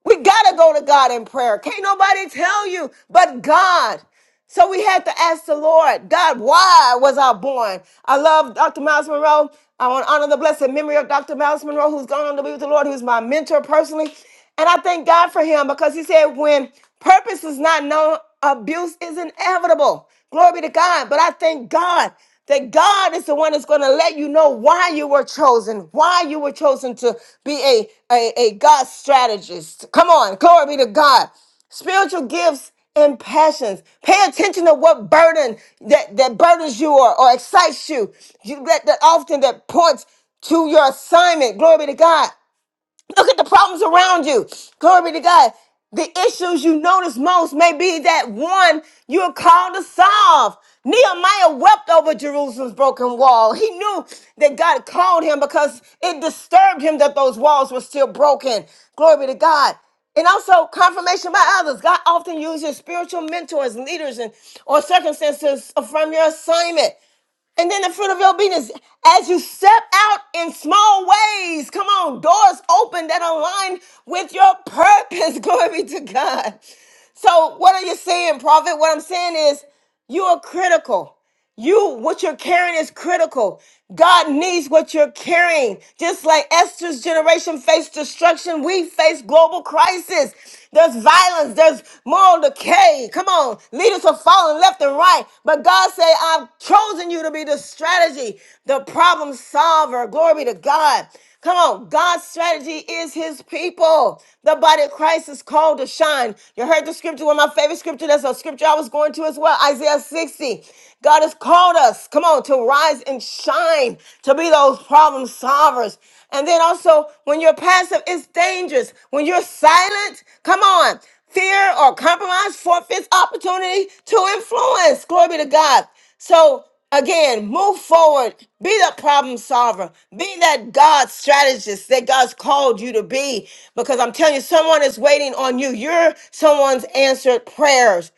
[SPEAKER 3] We gotta go to God in prayer. Can't nobody tell you but God. So we had to ask the Lord, God, why was I born? I love Dr. Miles Monroe. I want to honor the blessed memory of Dr. Miles Monroe, who's gone on to be with the Lord, who's my mentor personally. And I thank God for him because he said, when purpose is not known, abuse is inevitable people. Glory to God. But I thank God that God is the one that's going to let you know why you were chosen, why you were chosen to be a, a, a God strategist. Come on. Glory be to God. Spiritual gifts and passions. Pay attention to what burden that, that burdens you or, or excites you. you that, that often that points to your assignment. Glory be to God. Look at the problems around you. Glory be to God. The issues you notice most may be that one you're called to solve. Nehemiah wept over Jerusalem's broken wall. He knew that God called him because it disturbed him that those walls were still broken. Glory be to God. And also confirmation by others. God often uses spiritual mentors, leaders, and or circumstances to affirm your assignment. And then the fruit of your obedience, as you step out in small ways, come on, doors open that align with your purpose. Glory be to God. So, what are you saying, prophet? What I'm saying is, you are critical. You, what you're carrying is critical. God needs what you're carrying. Just like Esther's generation faced destruction, we face global crisis. There's violence, there's moral decay. Come on, leaders are falling left and right. But God said, I've chosen you to be the strategy, the problem solver. Glory be to God. Come on, God's strategy is his people. The body of Christ is called to shine. You heard the scripture, one of my favorite scripture. That's a scripture I was going to as well, Isaiah 60. God has called us, come on, to rise and shine, to be those problem solvers. And then also, when you're passive, it's dangerous. When you're silent, come on, fear or compromise forfeits opportunity to influence. Glory be to God. So again, move forward. Be the problem solver. Be that God strategist that God's called you to be. Because I'm telling you, someone is waiting on you. You're someone's answered prayers.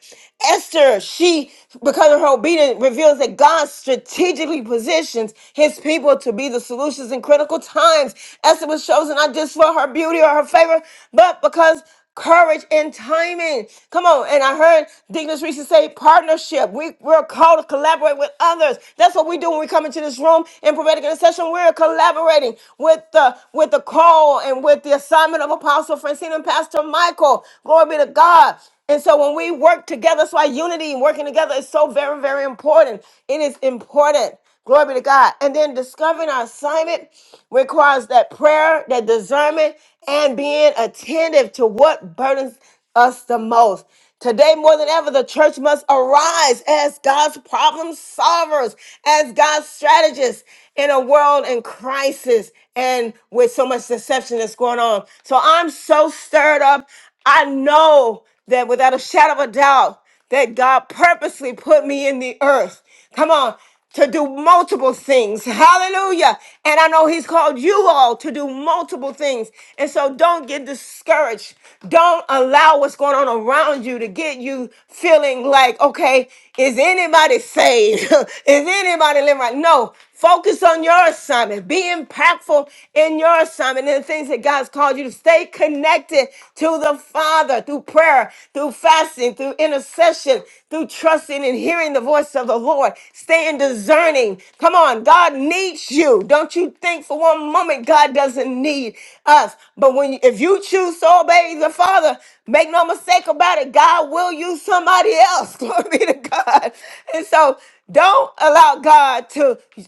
[SPEAKER 3] Esther, she, because of her obedience, reveals that God strategically positions his people to be the solutions in critical times. Esther was chosen not just for her beauty or her favor, but because courage and timing. Come on. And I heard Dignus Reese say partnership. We, we're called to collaborate with others. That's what we do when we come into this room in prophetic intercession. We're collaborating with the with the call and with the assignment of Apostle Francine and Pastor Michael. Glory be to God. And so when we work together, that's why unity and working together is so very, very important. It is important. Glory be to God. And then discovering our assignment requires that prayer, that discernment, and being attentive to what burdens us the most. Today, more than ever, the church must arise as God's problem solvers, as God's strategists in a world in crisis and with so much deception that's going on. So I'm so stirred up. I know that without a shadow of a doubt, that God purposely put me in the earth. Come on, to do multiple things. Hallelujah. And I know He's called you all to do multiple things. And so don't get discouraged. Don't allow what's going on around you to get you feeling like, okay, is anybody saved? is anybody living right? No, Focus on your assignment. Be impactful in your assignment and the things that God's called you to stay connected to the Father through prayer, through fasting, through intercession, through trusting and hearing the voice of the Lord. Staying discerning. Come on, God needs you. Don't you think for one moment God doesn't need us. But when you- if you choose to obey the Father, make no mistake about it, God will use somebody else. Glory be to God. And so don't allow God to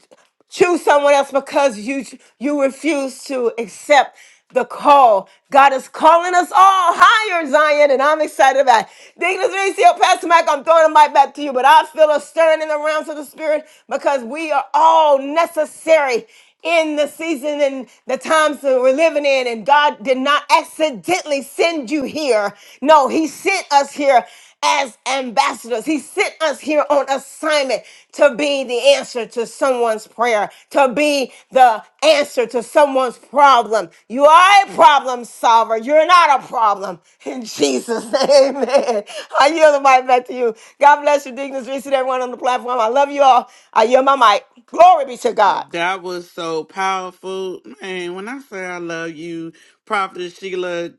[SPEAKER 3] choose someone else because you you refuse to accept the call. God is calling us all higher, Zion, and I'm excited about it. Dignus Recio, Pastor Mike, I'm throwing the mic back to you, but I feel a stirring in the realms of the Spirit because we are all necessary in the season and the times that we're living in, and God did not accidentally send you here. No, He sent us here as ambassadors. He sent us here on assignment to be the answer to someone's prayer, to be the answer to someone's problem. You are a problem solver. You're not a problem. In Jesus' name, amen. I yield the mic back to you. God bless you, Dignus Reese, and everyone on the platform. I love you all. I yield my mic. Glory be to God.
[SPEAKER 2] That was so powerful. Man, when I say I love you, Prophet Sheila,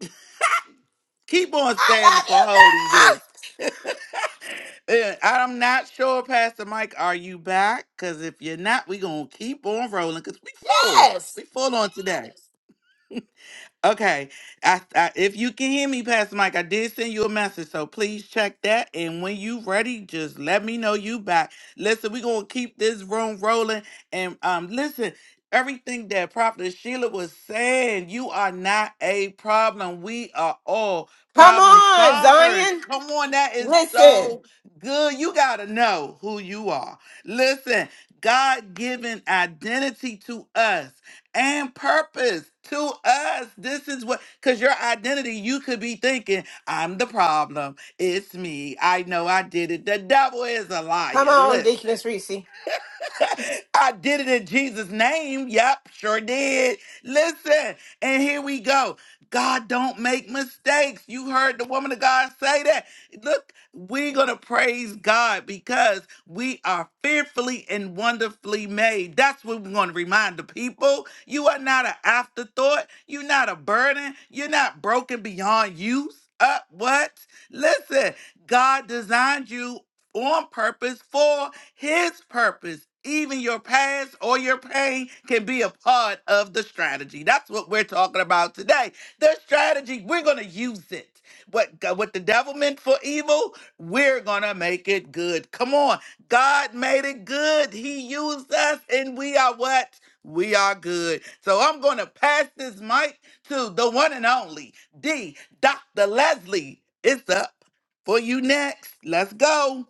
[SPEAKER 2] keep on
[SPEAKER 3] I
[SPEAKER 2] standing
[SPEAKER 3] love you,
[SPEAKER 2] for
[SPEAKER 3] girl.
[SPEAKER 2] holiness. Uh, I'm not sure, Pastor Mike, are you back? Because if you're not, we're going to keep on rolling because we full.
[SPEAKER 3] Yes.
[SPEAKER 2] We full on today. Okay. I, I if you can hear me, Pastor Mike, I did send you a message, so please check that. And when you ready, just let me know you back. Listen, we're gonna keep this room rolling. And um, listen, everything that Prophet Sheila was saying, you are not a problem. We are all
[SPEAKER 3] Come
[SPEAKER 2] problem
[SPEAKER 3] on,
[SPEAKER 2] solvers.
[SPEAKER 3] Zion.
[SPEAKER 2] Come on, that is
[SPEAKER 3] Listen.
[SPEAKER 2] so good. You gotta know who you are. Listen, God given identity to us and purpose to us. This is what, because your identity, you could be thinking, I'm the problem. It's me. I know I did it. The devil is a
[SPEAKER 3] Come
[SPEAKER 2] liar.
[SPEAKER 3] on,
[SPEAKER 2] Listen.
[SPEAKER 3] Deaconess Reese. Yes,
[SPEAKER 2] I did it in Jesus' name. Yep, sure did. Listen, and here we go. God don't make mistakes. You heard the woman of God say that. Look, we're going to praise God because we are fearfully and wonderfully made. That's what we're going to remind the people. You are not an afterthought. You're not a burden. You're not broken beyond use. Up what? Listen, God designed you on purpose for his purpose, even your past or your pain, can be a part of the strategy. That's what we're talking about today. The strategy, we're going to use it. What, God- what the devil meant for evil, we're going to make it good. Come on. God made it good. He used us, and we are what? We are good. So I'm going to pass this mic to the one and only D, Dr. Leslie. It's up for you next. Let's go.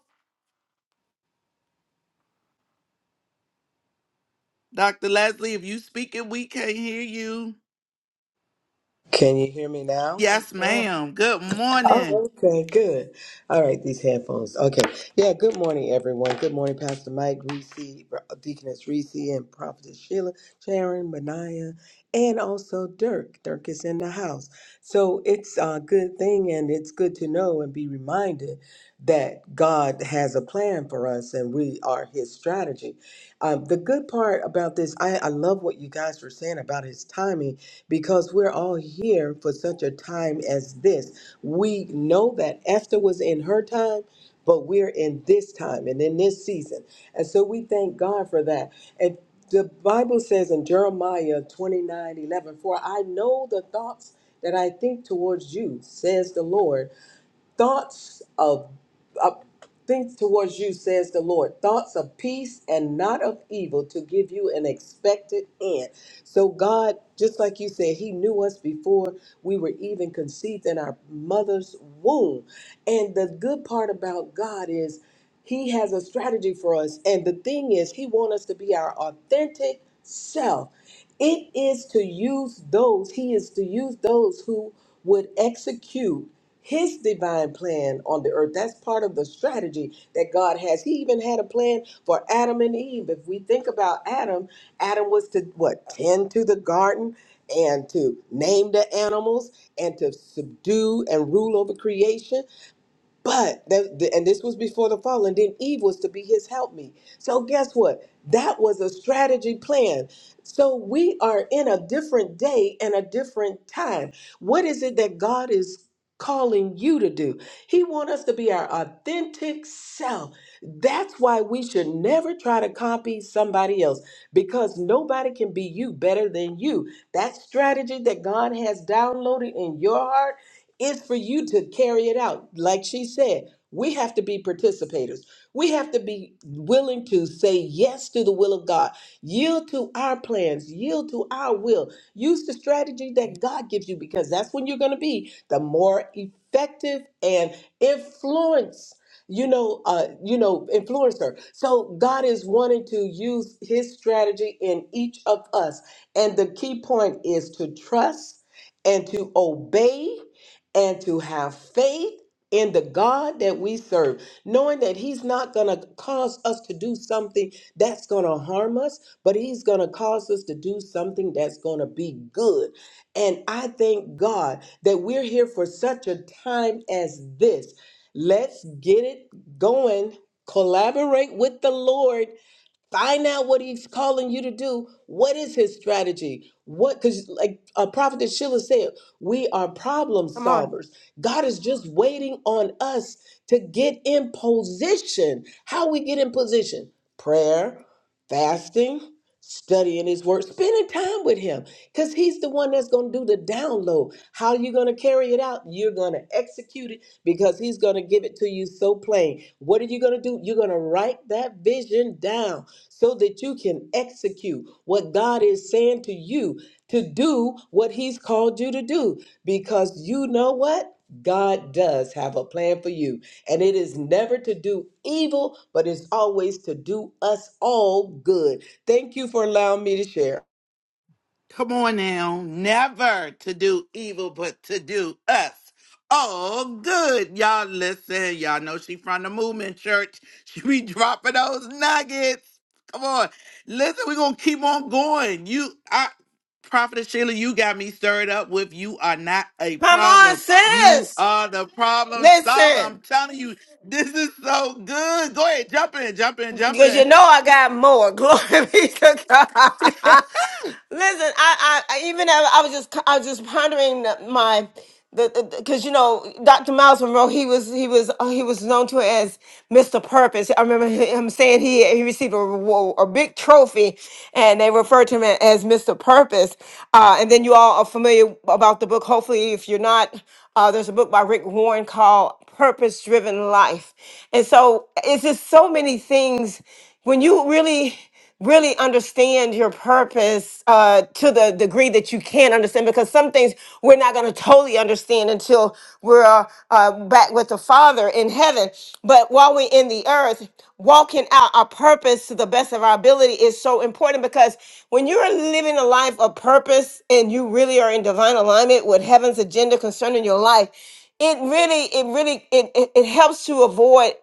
[SPEAKER 2] Dr. Leslie, if you speaking, we can't hear you.
[SPEAKER 4] Can you hear me now?
[SPEAKER 2] Yes,
[SPEAKER 3] ma'am.
[SPEAKER 2] ma'am. Good morning.
[SPEAKER 4] Oh, okay, good. All right, these headphones. Okay, yeah. Good morning, everyone. Good morning, Pastor Mike Reese, Deaconess Reese, and Prophetess Sheila, Sharon, Mania, and also Dirk. Dirk is in the house, so it's a good thing, and it's good to know and be reminded that God has a plan for us, and we are His strategy. Um, the good part about this, I, I love what you guys were saying about His timing, because we're all here for such a time as this we know that Esther was in her time, but we're in this time and in this season. And so we thank God for that. And the Bible says in Jeremiah 29 11, For I know the thoughts that I think towards you, says the Lord thoughts of, of things towards you says the lord thoughts of peace and not of evil to give you an expected end so god just like you said he knew us before we were even conceived in our mother's womb and the good part about god is he has a strategy for us. And the thing is, He wants us to be our authentic self. It is to use those, He is to use those who would execute His divine plan on the earth. That's part of the strategy that God has. He even had a plan for Adam and Eve. If we think about Adam, Adam was to what? Tend to the garden and to name the animals and to subdue and rule over creation. But that, th- and this was before the fall, and then Eve was to be his helpmeet. So guess what? That was a strategy plan. So we are in a different day and a different time. What is it that God is calling you to do? He wants us to be our authentic self. That's why we should never try to copy somebody else because nobody can be you better than you. That strategy that God has downloaded in your heart it's for you to carry it out. Like she said, we have to be participators. We have to be willing to say yes to the will of God, yield to our plans, yield to our will. Use the strategy that God gives you because that's when you're going to be the more effective and influence. You know, uh, you know, influencer. So God is wanting to use His strategy in each of us, and the key point is to trust and to obey and to have faith in the God that we serve, knowing that He's not going to cause us to do something that's going to harm us, but He's going to cause us to do something that's going to be good. And I thank God that we're here for such a time as this. Let's get it going. Collaborate with the Lord find out what he's calling you to do what is his strategy what because like uh, prophet sheila said we are problem
[SPEAKER 3] Come on.
[SPEAKER 4] solvers god is just waiting on us to get in position how we get in position prayer fasting studying his word spending time with him because he's the one that's going to do the download how are you going to carry it out you're going to execute it because he's going to give it to you so plain what are you going to do you're going to write that vision down so that you can execute what God is saying to you to do what He's called you to do. Because you know what? God does have a plan for you, and it is never to do evil, but it's always to do us all good. Thank you for allowing me to share.
[SPEAKER 2] Come on now. Never to do evil, but to do us all good. Y'all listen. Y'all know she from the movement church. She be dropping those nuggets. Come on. Listen, we going to keep on going. You, I, Prophetess Sheila, you got me stirred up with you are not a
[SPEAKER 3] Come on,
[SPEAKER 2] problem. You
[SPEAKER 3] sis.
[SPEAKER 2] are the problem solver. I'm
[SPEAKER 3] Listen,
[SPEAKER 2] telling you, this is so good. Go ahead, jump in, jump in, jump
[SPEAKER 3] because
[SPEAKER 2] in.
[SPEAKER 3] you know I got more. Glory be to God. Listen, I, I, I even I, I was just, I was just pondering my, the, because you know, Dr. Miles Monroe, he was, he was, uh, he was known to as Mr. Purpose. I remember him saying he, he received a, reward- a big trophy, and they referred to him as Mr. Purpose. Uh, and then you all are familiar about the book. Hopefully, if you're not, uh, there's a book by Rick Warren called purpose driven life. And so it's just so many things when you really really understand your purpose uh, to the degree that you can understand because some things we're not going to totally understand until we're uh, uh, back with the father in heaven but while we're in the earth walking out our purpose to the best of our ability is so important because when you're living a life of purpose and you really are in divine alignment with heaven's agenda concerning your life it really it really it, it, it helps to avoid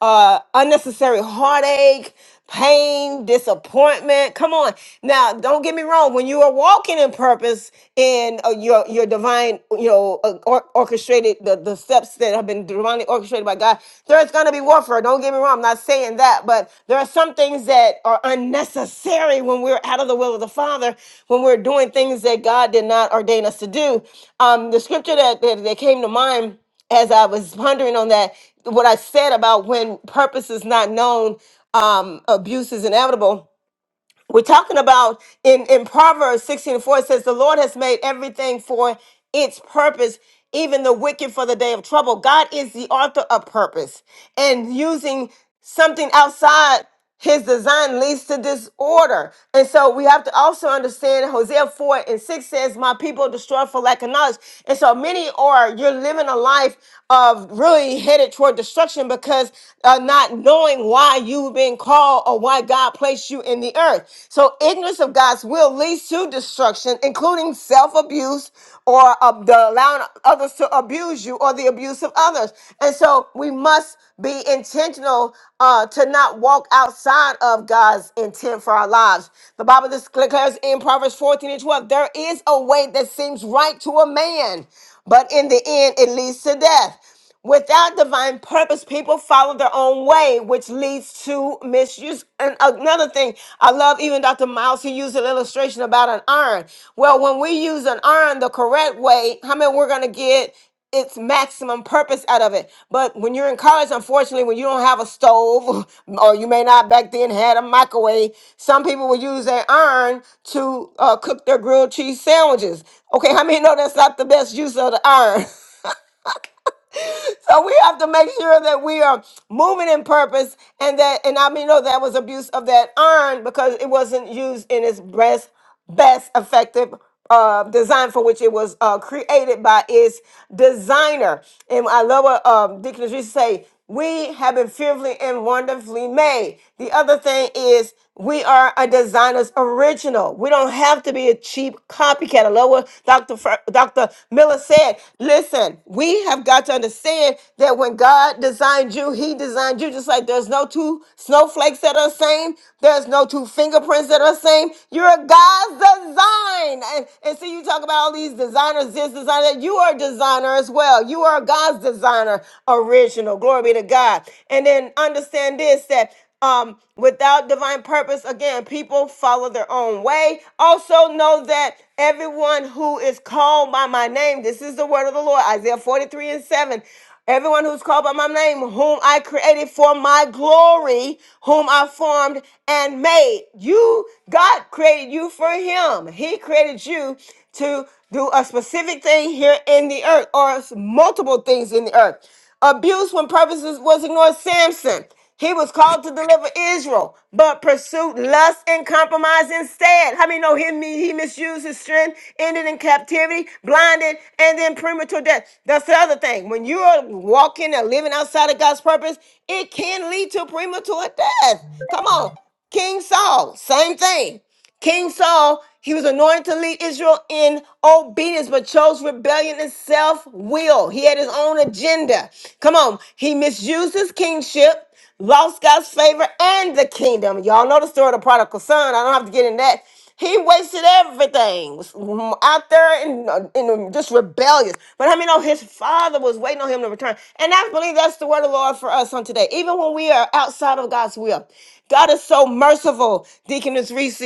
[SPEAKER 3] uh unnecessary heartache pain disappointment come on now don't get me wrong when you are walking in purpose in uh, your your divine you know uh, or, orchestrated the, the steps that have been divinely orchestrated by god there's going to be warfare suffer. Don't get me wrong, I'm not saying that, but there are some things that are unnecessary when we're out of the will of the Father, when we're doing things that God did not ordain us to do. Um, the scripture that, that, that came to mind as I was pondering on that, what I said about when purpose is not known, um, abuse is inevitable we're talking about in, in Proverbs 16 and 4, it says, The Lord has made everything for its purpose, even the wicked for the day of trouble. God is the author of purpose, and using something outside his design leads to disorder. And so we have to also understand Hosea 4 and 6 says, My people destroy for lack of knowledge. And so many are, you're living a life of really headed toward destruction because uh, not knowing why you you've been called or why God placed you in the earth. So ignorance of God's will leads to destruction, including self-abuse or uh, the allowing others to abuse you or the abuse of others. And so we must be intentional uh, to not walk outside of God's intent for our lives. The Bible declares in Proverbs 14 and 12, there is a way that seems right to a man, but in the end it leads to death. Without divine purpose, people follow their own way, which leads to misuse. And another thing, I love even Dr. Miles, he used an illustration about an iron. Well, when we use an iron the correct way, how many we're going to get its maximum purpose out of it. But when you're in college, unfortunately, when you don't have a stove, or you may not back then had a microwave, some people will use an iron to uh, cook their grilled cheese sandwiches. Okay, how many know that's not the best use of the iron? so we have to make sure that we are moving in purpose and that and I mean no, that was abuse of that iron because it wasn't used in its best best effective uh, design for which it was uh, created by its designer. And I love what um, Deacon Idris say, we have been fearfully and wonderfully made. The other thing is we are a designer's original. We don't have to be a cheap copycat. I love what Dr. Fer- Dr. Miller said. Listen, we have got to understand that when God designed you, He designed you just like there's no two snowflakes that are the same, there's no two fingerprints that are the same. You're a God's design. And, and so you talk about all these designers, this designer, that you are a designer as well. You are God's designer original. Glory be to God. And then understand this that um, without divine purpose, again, people follow their own way. Also, know that everyone who is called by my name, this is the word of the Lord, Isaiah 43 and 7. Everyone who's called by my name, whom I created for my glory, whom I formed and made. You, God created you for Him. He created you to do a specific thing here in the earth or multiple things in the earth. Abuse when purposes was ignored. Samson, he was called to deliver Israel, but pursued lust and compromise instead. How many know he, he misused his strength, ended in captivity, blinded, and then premature death? That's the other thing. When you are walking and living outside of God's purpose, it can lead to premature death. Come on. King Saul, same thing. King Saul, he was anointed to lead Israel in obedience, but chose rebellion and self will. He had his own agenda. Come on. He misused his kingship, lost God's favor and the kingdom. Y'all know the story of the prodigal son. I don't have to get in that. He wasted everything was out there and in, uh, in um, just rebellious. But I mean, know his father was waiting on him to return. And I believe that's the word of the Lord for us on today. Even when we are outside of God's will, God is so merciful, Deaconess Reese,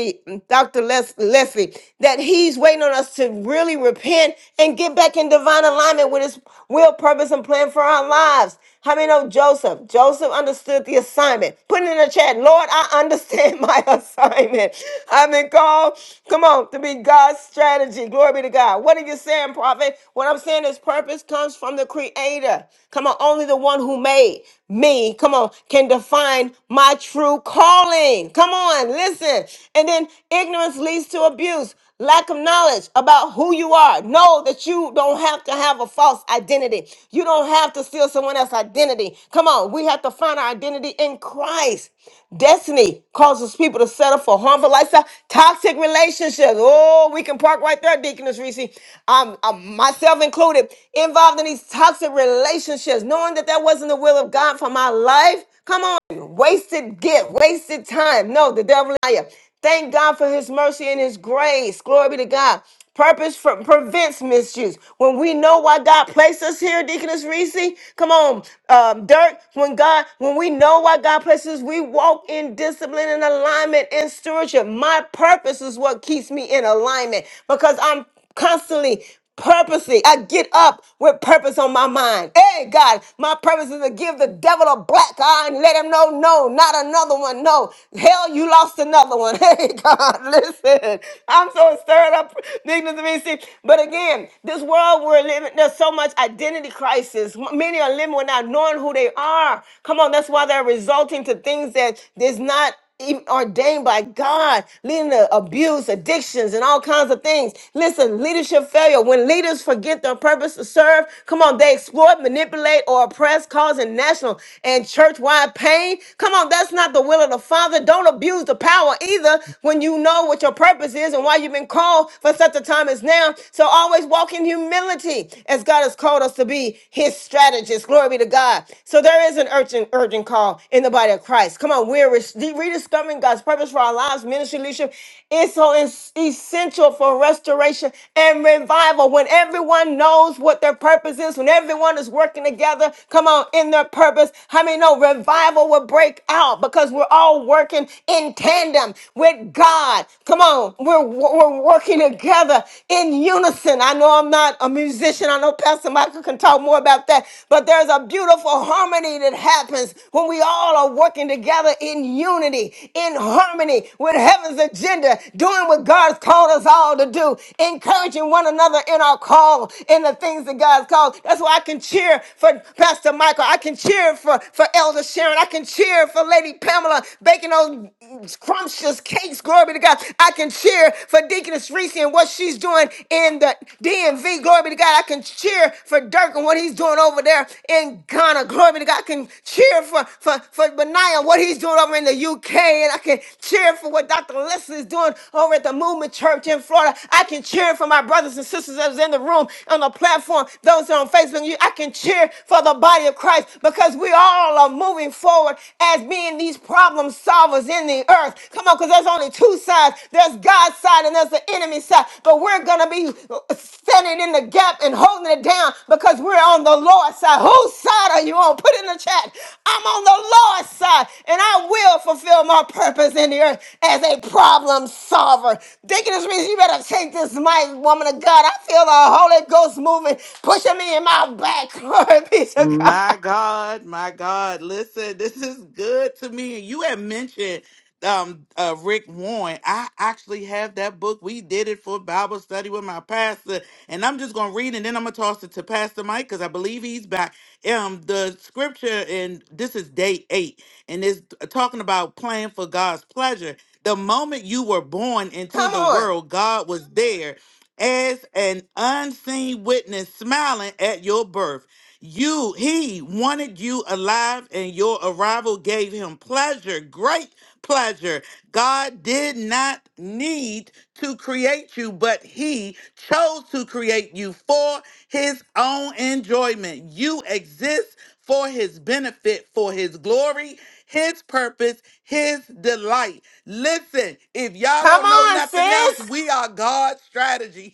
[SPEAKER 3] Dr. Les- Leffy, that he's waiting on us to really repent and get back in divine alignment with his will, purpose, and plan for our lives. How many know Joseph? Joseph understood the assignment. Put it in the chat. Lord, I understand my assignment. I've been called, come on, to be God's strategy. Glory be to God. What are you saying, prophet? What I'm saying is purpose comes from the creator. Come on, only the one who made me, come on, can define my true calling. Come on, listen. And then ignorance leads to abuse lack of knowledge about who you are. Know that you don't have to have a false identity. You don't have to steal someone else's identity. Come on, we have to find our identity in Christ. Destiny causes people to settle for harmful lifestyle, toxic relationships. Oh, we can park right there, Deaconess Reese. I'm, I'm myself included, involved in these toxic relationships, knowing that that wasn't the will of God for my life. Come on, wasted gift, wasted time. No, the devil is a liar. Thank God for his mercy and his grace. Glory be to God. Purpose for, prevents misuse. When we know why God placed us here, Deaconess Reese, come on, um, Dirk. When God, when we know why God places us, we walk in discipline and alignment and stewardship. My purpose is what keeps me in alignment because I'm constantly purposely. I get up with purpose on my mind. Hey, God, my purpose is to give the devil a black eye and let him know, no, not another one. No, hell, you lost another one. Hey, God, listen. I'm so stirred up. Needless to be seen. But again, this world we're living, there's so much identity crisis. M- Many are living without knowing who they are. Come on, that's why they're resulting to things that is not even ordained by God, leading to abuse, addictions, and all kinds of things. Listen, leadership failure. When leaders forget their purpose to serve, come on, they exploit, manipulate, or oppress, causing national and church-wide pain. Come on, that's not the will of the Father. Don't abuse the power either when you know what your purpose is and why you've been called for such a time as now. So always walk in humility as God has called us to be his strategists. Glory be to God. So there is an urgent, urgent call in the body of Christ. Come on, we're res- rediscovering God's purpose for our lives. Ministry leadership is so es- essential for restoration and revival. When everyone knows what their purpose is, when everyone is working together, come on, in their purpose. How many know revival will break out because we're all working in tandem with God. Come on, we're we're working together in unison. I know I'm not a musician musician. I know Pastor Michael can talk more about that, but there's a beautiful harmony that happens when we all are working together in unity, in harmony with heaven's agenda, doing what God's called us all to do, encouraging one another in our call, in the things that God's called. That's why I can cheer for Pastor Michael. I can cheer for, for Elder Sharon. I can cheer for Lady Pamela baking those scrumptious cakes. Glory be to God. I can cheer cheer for Deaconess Reese and what she's doing in the DMV. Glory be to God. I can cheer for Dirk and what he's doing over there in Ghana. Glory be to God. I can cheer for, for, for Benaiah, and what he's doing over in the UK. And I can cheer for what Dr. Leslie is doing over at the Movement Church in Florida. I can cheer for my brothers and sisters that's in the room, on the platform, those that are on Facebook. You- I can cheer for the body of Christ because we all are moving forward as being these problems problem solvers in the earth. Come on, because there's only two sides. There's God's side and there's the enemy side. But we're gonna be standing in the gap and holding it down because we're on the Lord's side. Whose side are you on? Put in the chat. I'm on the Lord's side, and I will fulfill my purpose in the earth as a problem solver. Deaconess Reese, you better take this mic, woman of God. I feel the Holy Ghost moving, pushing me in my back. Glory be to God.
[SPEAKER 2] My God, my God. Listen, this is good to me. And you had mentioned um uh Rick Warren. I actually have that book. We did it for Bible study with my pastor. And I'm just gonna read and then I'm gonna toss it to Pastor Mike because I believe he's back. Um the scripture and this is day eight, and it's talking about playing for God's pleasure. The moment you were born into
[SPEAKER 3] Come
[SPEAKER 2] the
[SPEAKER 3] on.
[SPEAKER 2] world, God was there as an unseen witness smiling at your birth. You, he wanted you alive, and your arrival gave him pleasure, great pleasure. God did not need to create you, but he chose to create you for his own enjoyment. You exist for his benefit, for his glory, his purpose, his delight. Listen, if y'all
[SPEAKER 3] Come
[SPEAKER 2] don't know
[SPEAKER 3] on,
[SPEAKER 2] nothing else,
[SPEAKER 3] sis.
[SPEAKER 2] we are God's strategy.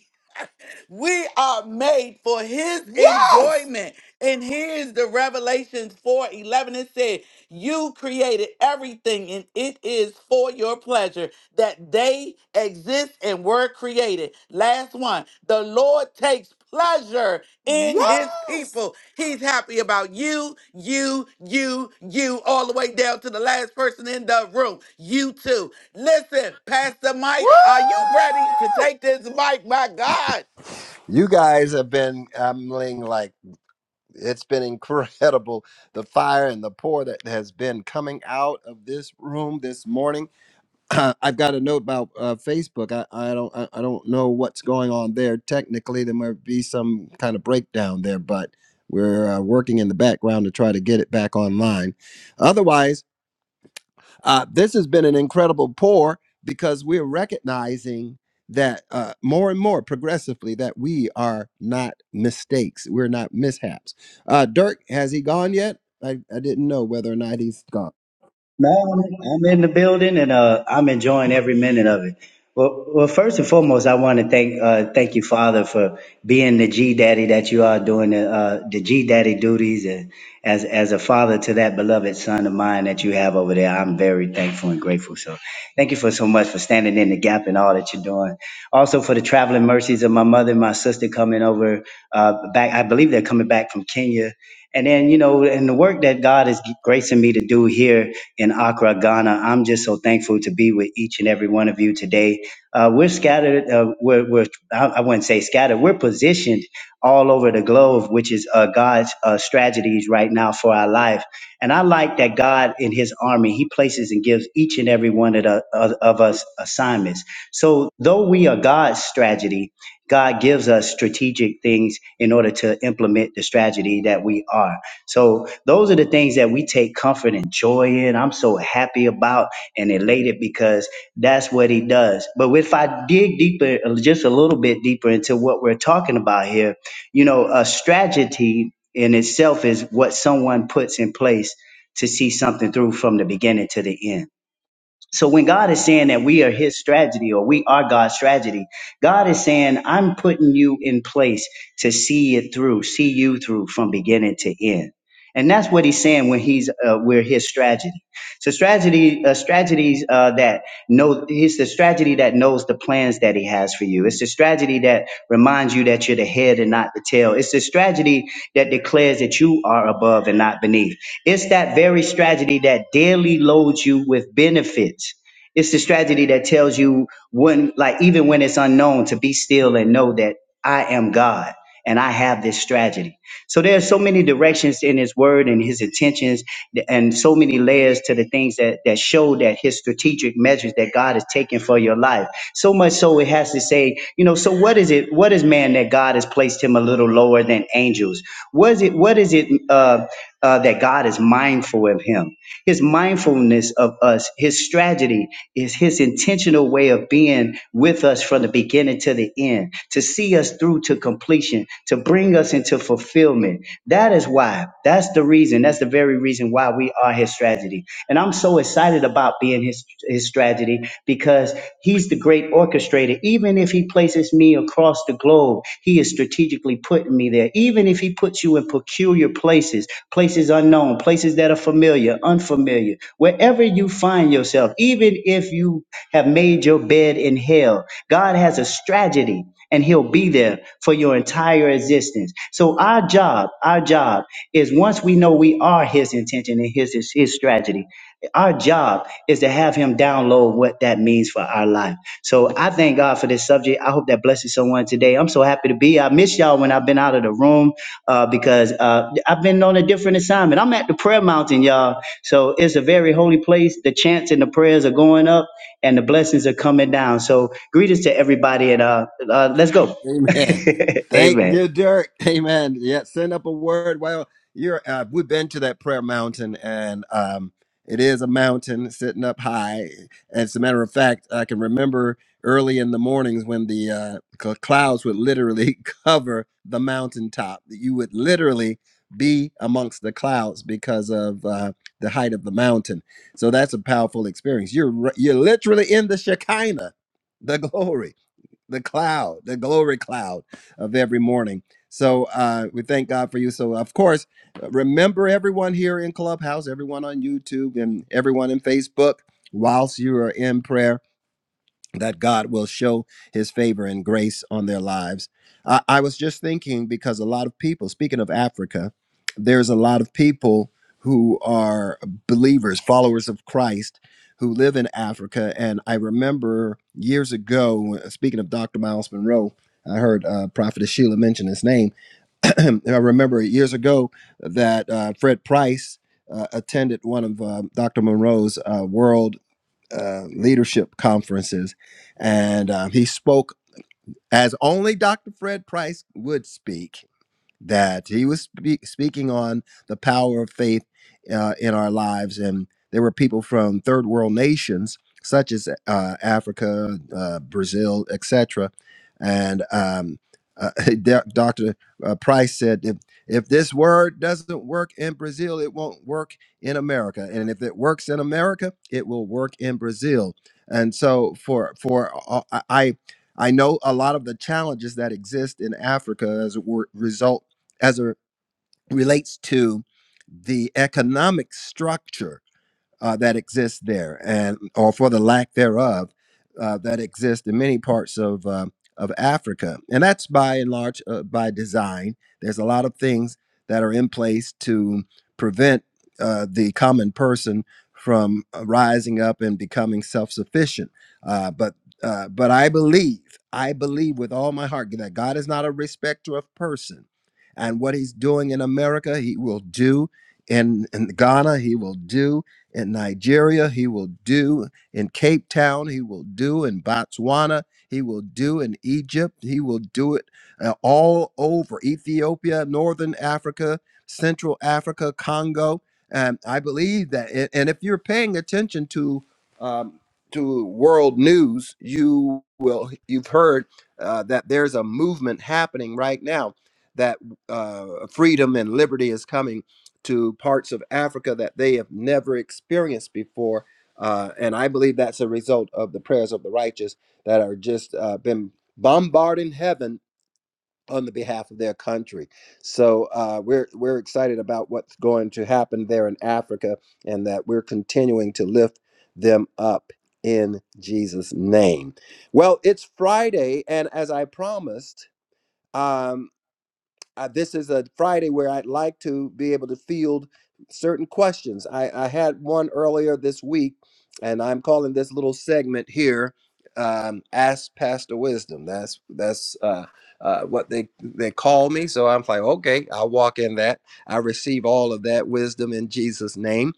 [SPEAKER 2] We are made for his
[SPEAKER 3] Yes.
[SPEAKER 2] enjoyment. And here's the Revelations 4 11. It said, You created everything, and it is for your pleasure that they exist and were created. Last one the Lord takes pleasure in his
[SPEAKER 3] Yes!
[SPEAKER 2] people. He's happy about you, you, you, you, all the way down to the last person in the room. You too. Listen, Pastor
[SPEAKER 3] Woo!
[SPEAKER 2] Mike, are you ready to take this mic? My God.
[SPEAKER 1] You guys have been, I'm laying like, It's been incredible the fire and the pour that has been coming out of this room this morning. I've got a note about uh, Facebook. I, I don't I, I don't know what's going on there. Technically, there might be some kind of breakdown there, but we're uh, working in the background to try to get it back online. Otherwise. Uh, this has been an incredible pour because we're recognizing that uh, more and more progressively that we are not mistakes. We're not mishaps. Uh, Dirk, has he gone yet? I, I didn't know whether or not he's gone.
[SPEAKER 5] No, I'm I'm in the building and uh, I'm enjoying every minute of it. Well, well, first and foremost, I want to thank uh, thank you, Father, for being the G Daddy that you are doing the uh, the G Daddy duties and as as a father to that beloved son of mine that you have over there. I'm very thankful and grateful. So, thank you for so much for standing in the gap and all that you're doing. Also for the traveling mercies of my mother and my sister coming over uh, back. I believe they're coming back from Kenya. And then, you know, and the work that God is gracing me to do here in Accra, Ghana. I'm just so thankful to be with each and every one of you today. Uh, we're scattered, uh, we're, we're, I I wouldn't say scattered, we're positioned all over the globe, which is uh, God's uh, strategies right now for our life. And I like that God in his army, he places and gives each and every one of, the, of, of us assignments. So though we are God's strategy, God gives us strategic things in order to implement the strategy that we are. So those are the things that we take comfort and joy in. I'm so happy about and elated because that's what he does. But if I dig deeper, just a little bit deeper into what we're talking about here, you know, a strategy in itself is what someone puts in place to see something through from the beginning to the end so when God is saying that we are his strategy, or we are God's strategy, God is saying, I'm putting you in place to see it through, see you through from beginning to end. And that's what he's saying when he's uh, we're his strategy. So strategy, uh, strategies uh, that know it's the strategy that knows the plans that he has for you. It's the strategy that reminds you that you're the head and not the tail. It's the strategy that declares that you are above and not beneath. It's that very strategy that daily loads you with benefits. It's the strategy that tells you when, like, even when it's unknown, to be still and know that I am God and I have this strategy. So there are so many directions in his word and his intentions and so many layers to the things that, that show that his strategic measures that God is taking for your life. So much so it has to say, you know, so what is it, what is man that God has placed him a little lower than angels? Was it, what is it uh, uh, that God is mindful of him? His mindfulness of us, his strategy is his intentional way of being with us from the beginning to the end, to see us through to completion, to bring us into fulfillment. That is why. That's the reason. That's the very reason why we are his strategy. And I'm so excited about being his his strategy because he's the great orchestrator. Even if he places me across the globe globe. He is strategically putting me there. Even if He puts you in peculiar places, places unknown, places that are familiar, unfamiliar, wherever you find yourself, even if you have made your bed in hell, God has a strategy and He'll be there for your entire existence. So, our job, our job is once we know we are His intention and His, His, his strategy, our job is to have him download what that means for our life. So I thank God for this subject. I hope that blesses someone today. I'm so happy to be. I miss y'all when I've been out of the room uh, because uh, I've been on a different assignment. I'm at the prayer mountain, y'all. So it's a very holy place. The chants and the prayers are going up and the blessings are coming down. So greetings to everybody and uh, uh, let's go.
[SPEAKER 1] Amen. Thank
[SPEAKER 5] Amen.
[SPEAKER 1] you, Dirk. Amen. Yeah, send up a word. Well, you're uh, we've been to that prayer mountain, and um, it is a mountain sitting up high. As a matter of fact, I can remember early in the mornings when the uh, cl- clouds would literally cover the mountaintop. You would literally be amongst the clouds because of uh, the height of the mountain. So that's a powerful experience. You're r- you're literally in the Shekinah, the glory the cloud, the glory cloud of every morning. So uh, we thank God for you. So, of course, remember everyone here in Clubhouse, everyone on YouTube, and everyone in Facebook, whilst you are in prayer that God will show his favor and grace on their lives. I, I was just thinking because a lot of people, speaking of Africa, there's a lot of people who are believers, followers of Christ, who live in Africa. And I remember years ago, uh, speaking of Dr. Miles Monroe, I heard uh, Prophetess Sheila mention his name. And I remember years ago that uh, Fred Price uh, attended one of uh, Dr. Monroe's uh, world uh, leadership conferences, and um, he spoke as only Dr. Fred Price would speak that he was spe- speaking on the power of faith uh, in our lives. And there were people from third world nations, such as uh, Africa, uh, Brazil, etc. And um, uh, Dr. uh, Price said, if, if this word doesn't work in Brazil, it won't work in America. And if it works in America, it will work in Brazil. And so for for uh, I I know a lot of the challenges that exist in Africa as a wor- result as it relates to the economic structure uh, that exists there, and or for the lack thereof uh, that exists in many parts of uh, of Africa, and that's by and large uh, by design. There's a lot of things that are in place to prevent uh, the common person from uh, rising up and becoming self sufficient. Uh, but uh, but I believe, I believe with all my heart that God is not a respecter of person. And what he's doing in America, he will do in, in Ghana, he will do in Nigeria, he will do in Cape Town, he will do in Botswana, he will do in Egypt, he will do it uh, all over Ethiopia, Northern Africa, Central Africa, Congo. And I believe that, and and if you're paying attention to um, to world news, you will you've heard uh, that there's a movement happening right now that uh, freedom and liberty is coming to parts of Africa that they have never experienced before. Uh, and I believe that's a result of the prayers of the righteous that are just uh, been bombarding heaven on the behalf of their country. So uh, we're we're excited about what's going to happen there in Africa, and that we're continuing to lift them up in Jesus' name. Well, it's Friday, and as I promised. Um, uh, this is a Friday where I'd like to be able to field certain questions. I, I had one earlier this week, and I'm calling this little segment here um, "Ask Pastor Wisdom." That's that's uh, uh, what they they call me. So I'm like, okay, I'll walk in that. I receive all of that wisdom in Jesus' name.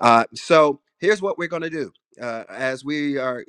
[SPEAKER 1] Uh, so here's what we're going to do. Uh, as we are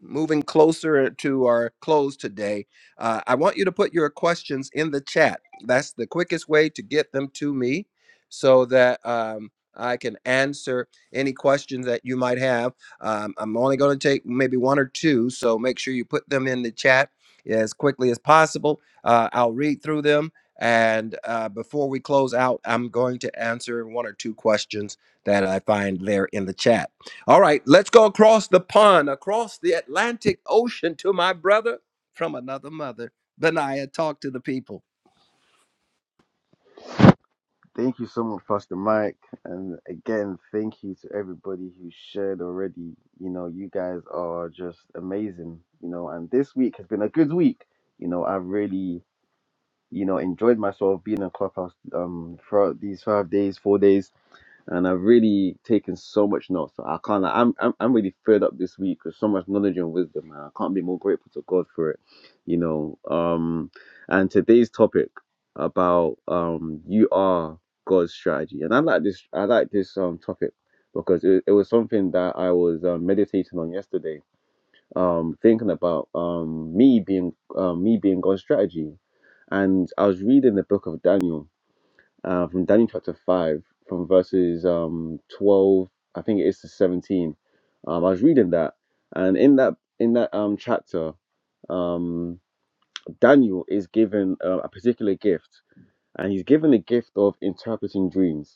[SPEAKER 1] moving closer uh, to our close today, uh, I want you to put your questions in the chat. That's the quickest way to get them to me so that um, I can answer any questions that you might have. Um, I'm only going to take maybe one or two, so make sure you put them in the chat as quickly as possible. Uh, I'll read through them. And uh, before we close out, I'm going to answer one or two questions that I find there in the chat. All right, let's go across the pond, across the Atlantic Ocean to my brother from another mother. Benaiah, talk to the people.
[SPEAKER 6] Thank you so much, Pastor Mike. And again, thank you to everybody who shared already. You know, you guys are just amazing. You know, and this week has been a good week. You know, I've really, you know, enjoyed myself being in Clubhouse um throughout these five days, four days and I've really taken so much notes. So I can't. Like, I'm I'm I'm really filled up this week with so much knowledge and wisdom. And I can't be more grateful to God for it. You know. Um, and today's topic about um you are God's strategy, and I like this. I like this um topic because it, it was something that I was uh, meditating on yesterday. Um, thinking about um me being um me being God's strategy, and I was reading the book of Daniel uh, from Daniel chapter 5, from verses um, 12, I think it is to 17. Um, I was reading that, and in that in that um, chapter, um, Daniel is given uh, a particular gift, and he's given the gift of interpreting dreams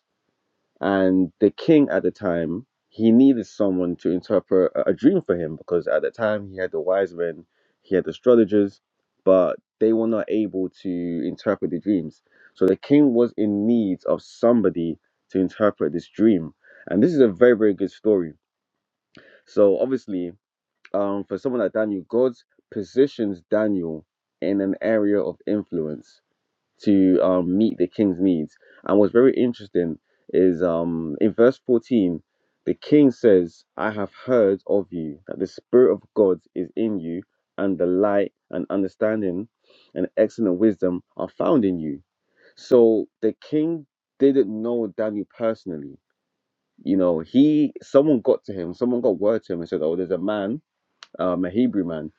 [SPEAKER 6] and the king at the time, he needed someone to interpret a a dream for him because at the time he had the wise men, he had astrologers, but they were not able to interpret the dreams. So the king was in need of somebody to interpret this dream. And this is a very, very good story. So obviously, um, for someone like Daniel, God positions Daniel in an area of influence to um, meet the king's needs. And what's very interesting is um, in verse 14, the king says, I have heard of you, that the Spirit of God is in you, and the light and understanding and excellent wisdom are found in you. So the king didn't know Daniel personally. You know, he someone got to him, someone got word to him and said, Oh, there's a man, um, a Hebrew man,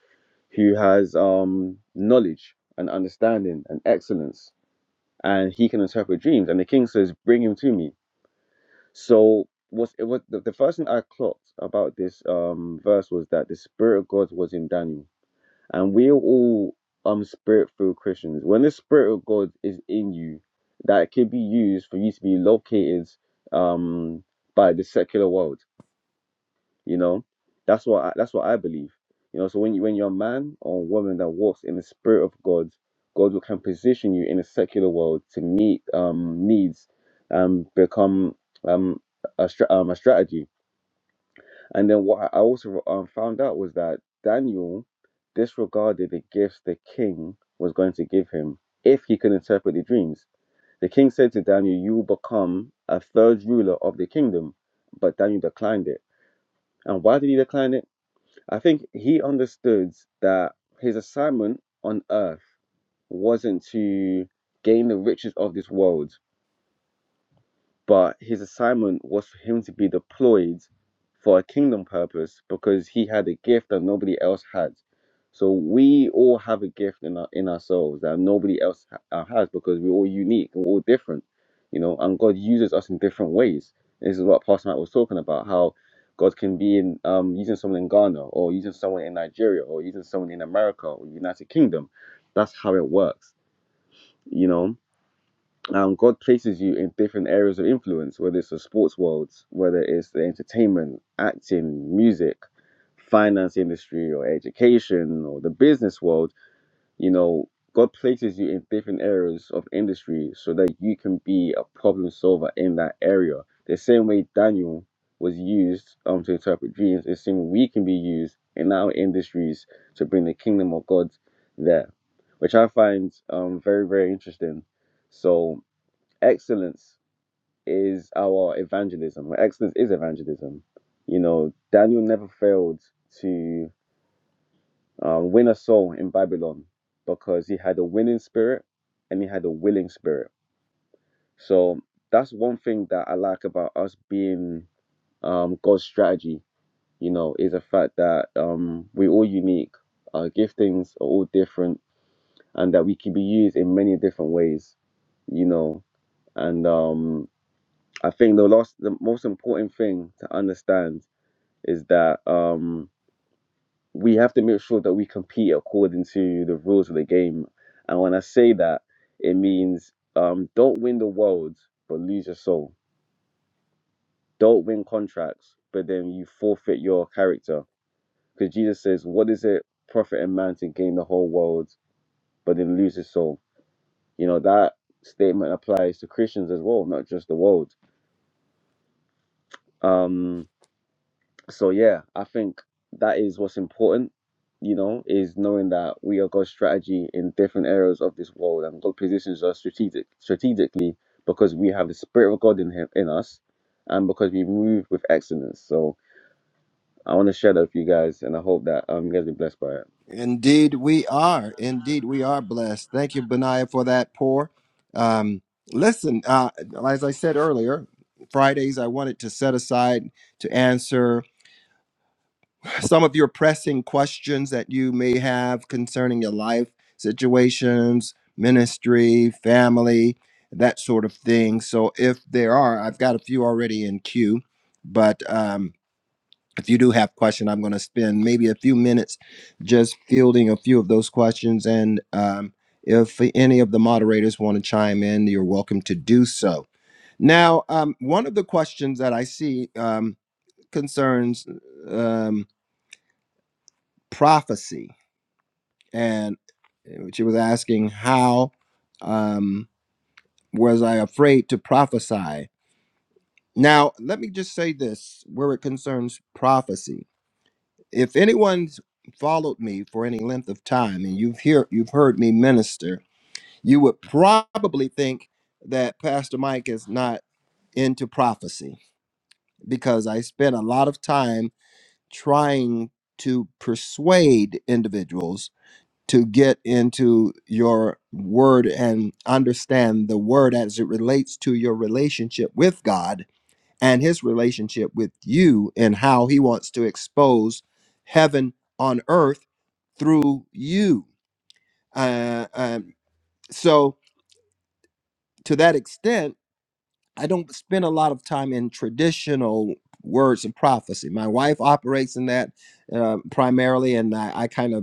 [SPEAKER 6] who has um knowledge and understanding and excellence and he can interpret dreams. And the king says, Bring him to me. So was it was the, the first thing I clocked about this um verse was that the spirit of God was in Daniel. And we're all um spirit filled Christians. When the spirit of God is in you, that can be used for you to be located um by the secular world. You know, that's what I, that's what I believe. You know, so when you when you're a man or a woman that walks in the spirit of God, God will can position you in a secular world to meet um, needs and become um, a stra- um, a strategy. And then what I I also um, found out was that Daniel disregarded the gifts the king was going to give him if he could interpret the dreams. The king said to Daniel, "You will become a third ruler of the kingdom," but Daniel declined it. And why did he decline it? I think he understood that his assignment on earth wasn't to gain the riches of this world, but his assignment was for him to be deployed for a kingdom purpose because he had a gift that nobody else had. So we all have a gift in our, in ourselves that nobody else ha- uh, has because we're all unique and we're all different, you know. And God uses us in different ways. This is what Pastor Matt was talking about: how God can be in um, using someone in Ghana or using someone in Nigeria or using someone in America or United Kingdom. That's how it works, you know um, God places you in different areas of influence, whether it's the sports world, whether it's the entertainment, acting, music, finance industry, or education, or the business world. You know, God places you in different areas of industry so that you can be a problem solver in that area. The same way Daniel was used um, to interpret dreams, the same way we can be used in our industries to bring the kingdom of God there, which I find um, very, very interesting. So, excellence is our evangelism. Well, excellence is evangelism. You know, Daniel never failed to um, win a soul in Babylon because he had a winning spirit and he had a willing spirit. So that's one thing that I like about us being um, God's strategy. You know, is the fact that um, we're all unique. Our giftings are all different, and that we can be used in many different ways. You know, and um, I think the last, the most important thing to understand is that um, we have to make sure that we compete according to the rules of the game. And when I say that, it means um, don't win the world but lose your soul. Don't win contracts but then you forfeit your character. Because Jesus says, "What does it profit a man to gain the whole world but then lose his soul?" You know that statement applies to Christians as well, not just the world. Um, so yeah, I think that is what's important, you know, is knowing that we are God's strategy in different areas of this world and God positions us strategic strategically because we have the spirit of God in him in us and because we move with excellence. So I want to share that with you guys and I hope that um you guys be blessed by it.
[SPEAKER 1] Indeed, we are. Indeed, we are blessed. Thank you, Benaiah, for that pour. Um, listen, uh, as I said earlier, Fridays I wanted to set aside to answer some of your pressing questions that you may have concerning your life situations, ministry, family, that sort of thing. So if there are, I've got a few already in queue, but um, if you do have question, I'm going to spend maybe a few minutes just fielding a few of those questions. And um, if any of the moderators want to chime in, you're welcome to do so. Now, um, one of the questions that I see um, concerns um, prophecy and uh, she was asking how um, was I afraid to prophesy. Now, let me just say this where it concerns prophecy. If anyone's followed me for any length of time and you've hear you've heard me minister, you would probably think that Pastor Mike is not into prophecy because I spent a lot of time trying to persuade individuals to get into your word and understand the word as it relates to your relationship with God and his relationship with you and how he wants to expose heaven on earth through you. Uh, um, so, to that extent, I don't spend a lot of time in traditional words of prophecy. My wife operates in that uh, primarily, and I, I kind of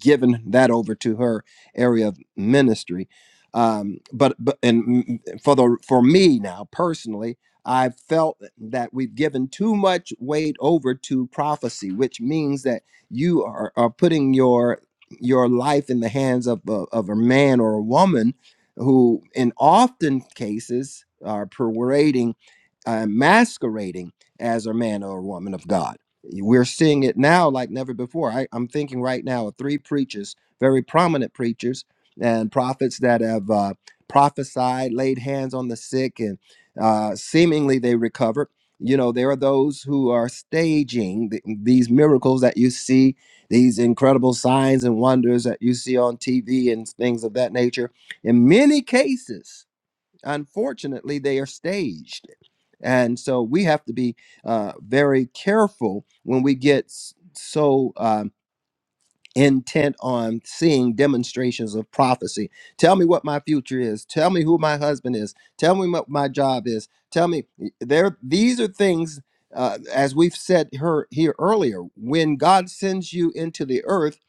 [SPEAKER 1] given that over to her area of ministry. Um, but but and mm, for the for me now personally, I felt that we've given too much weight over to prophecy, which means that you are, are putting your your life in the hands of a, of a man or a woman who, in often cases, are parading, uh, masquerading as a man or a woman of God we're seeing it now like never before. I, I'm thinking right now of three preachers, very prominent preachers and prophets that have uh, prophesied, laid hands on the sick, and uh, seemingly they recovered. You know, there are those who are staging th- these miracles that you see, these incredible signs and wonders that you see on TV and things of that nature. In many cases, unfortunately, they are staged and so we have to be uh, very careful when we get s- so um, intent on seeing demonstrations of prophecy. Tell me what my future is. Tell me who my husband is. Tell me what my job is. Tell me there. These are things, uh, as we've said her, here earlier. When God sends you into the earth,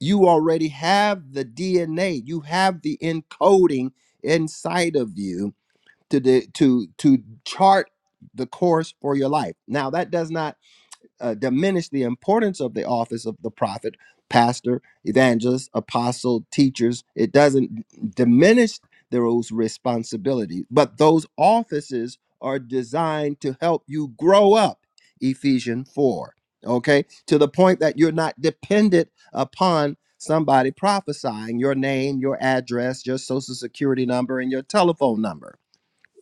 [SPEAKER 1] you already have the DNA. You have the encoding inside of you to the, to to chart the course for your life. Now that does not uh, diminish the importance of the office of the prophet, pastor, evangelist, apostle, teachers. It doesn't diminish those responsibilities, but those offices are designed to help you grow up. Ephesians 4. Okay? To the point that you're not dependent upon somebody prophesying your name, your address, your social security number and your telephone number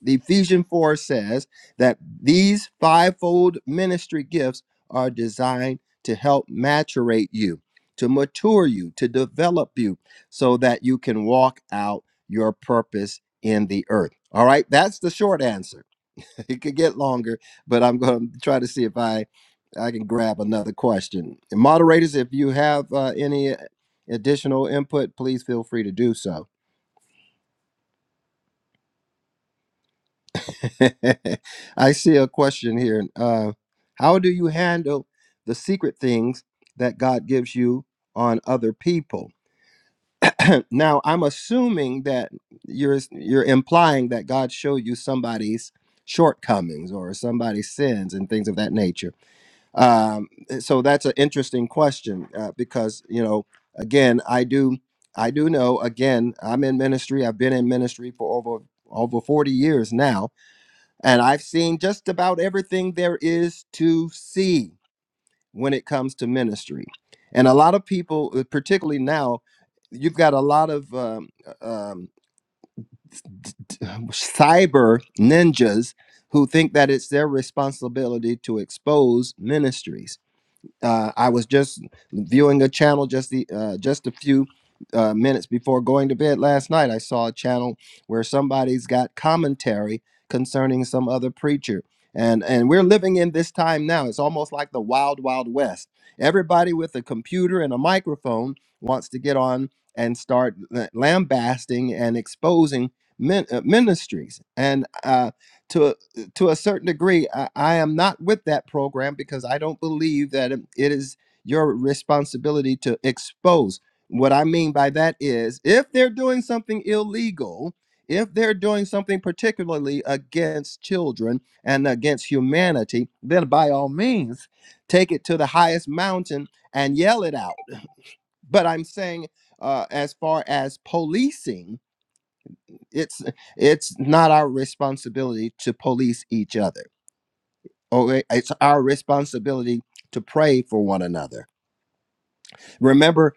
[SPEAKER 1] the Ephesians 4 says that these fivefold ministry gifts are designed to help maturate you, to mature you, to develop you so that you can walk out your purpose in the earth. All right, that's the short answer. It could get longer, but I'm going to try to see if I I can grab another question. And moderators, if you have uh, any additional input, please feel free to do so. I see a question here. Uh, how do you handle the secret things that God gives you on other people? now, I'm assuming that you're you're implying that God showed you somebody's shortcomings or somebody's sins and things of that nature. Um, eh, so that's an interesting question uh, because you know, again, I do I do know. Again, I'm in ministry. I've been in ministry for over over 40 years now and I've seen just about everything there is to see when it comes to ministry. And a lot of people, uh, particularly now, you've got a lot of um, uh, um, cyber ninjas who think that it's their responsibility to expose ministries uh, I was just viewing a channel just the uh, just a few uh, minutes before going to bed last night. I saw a channel where somebody's got commentary concerning some other preacher, and and we're living in this time now. It's almost like the wild wild west. Everybody with a computer and a microphone wants to get on and start lambasting and exposing min- uh, ministries and. Uh, to to a certain degree, I, I am not with that program because I don't believe that it is your responsibility to expose. What I mean by that is if they're doing something illegal, if they're doing something particularly against children and against humanity, then by all means, take it to the highest mountain and yell it out. But I'm saying, uh, as far as policing, it's it's not our responsibility to police each other Oh, it's our responsibility to pray for one another. Remember,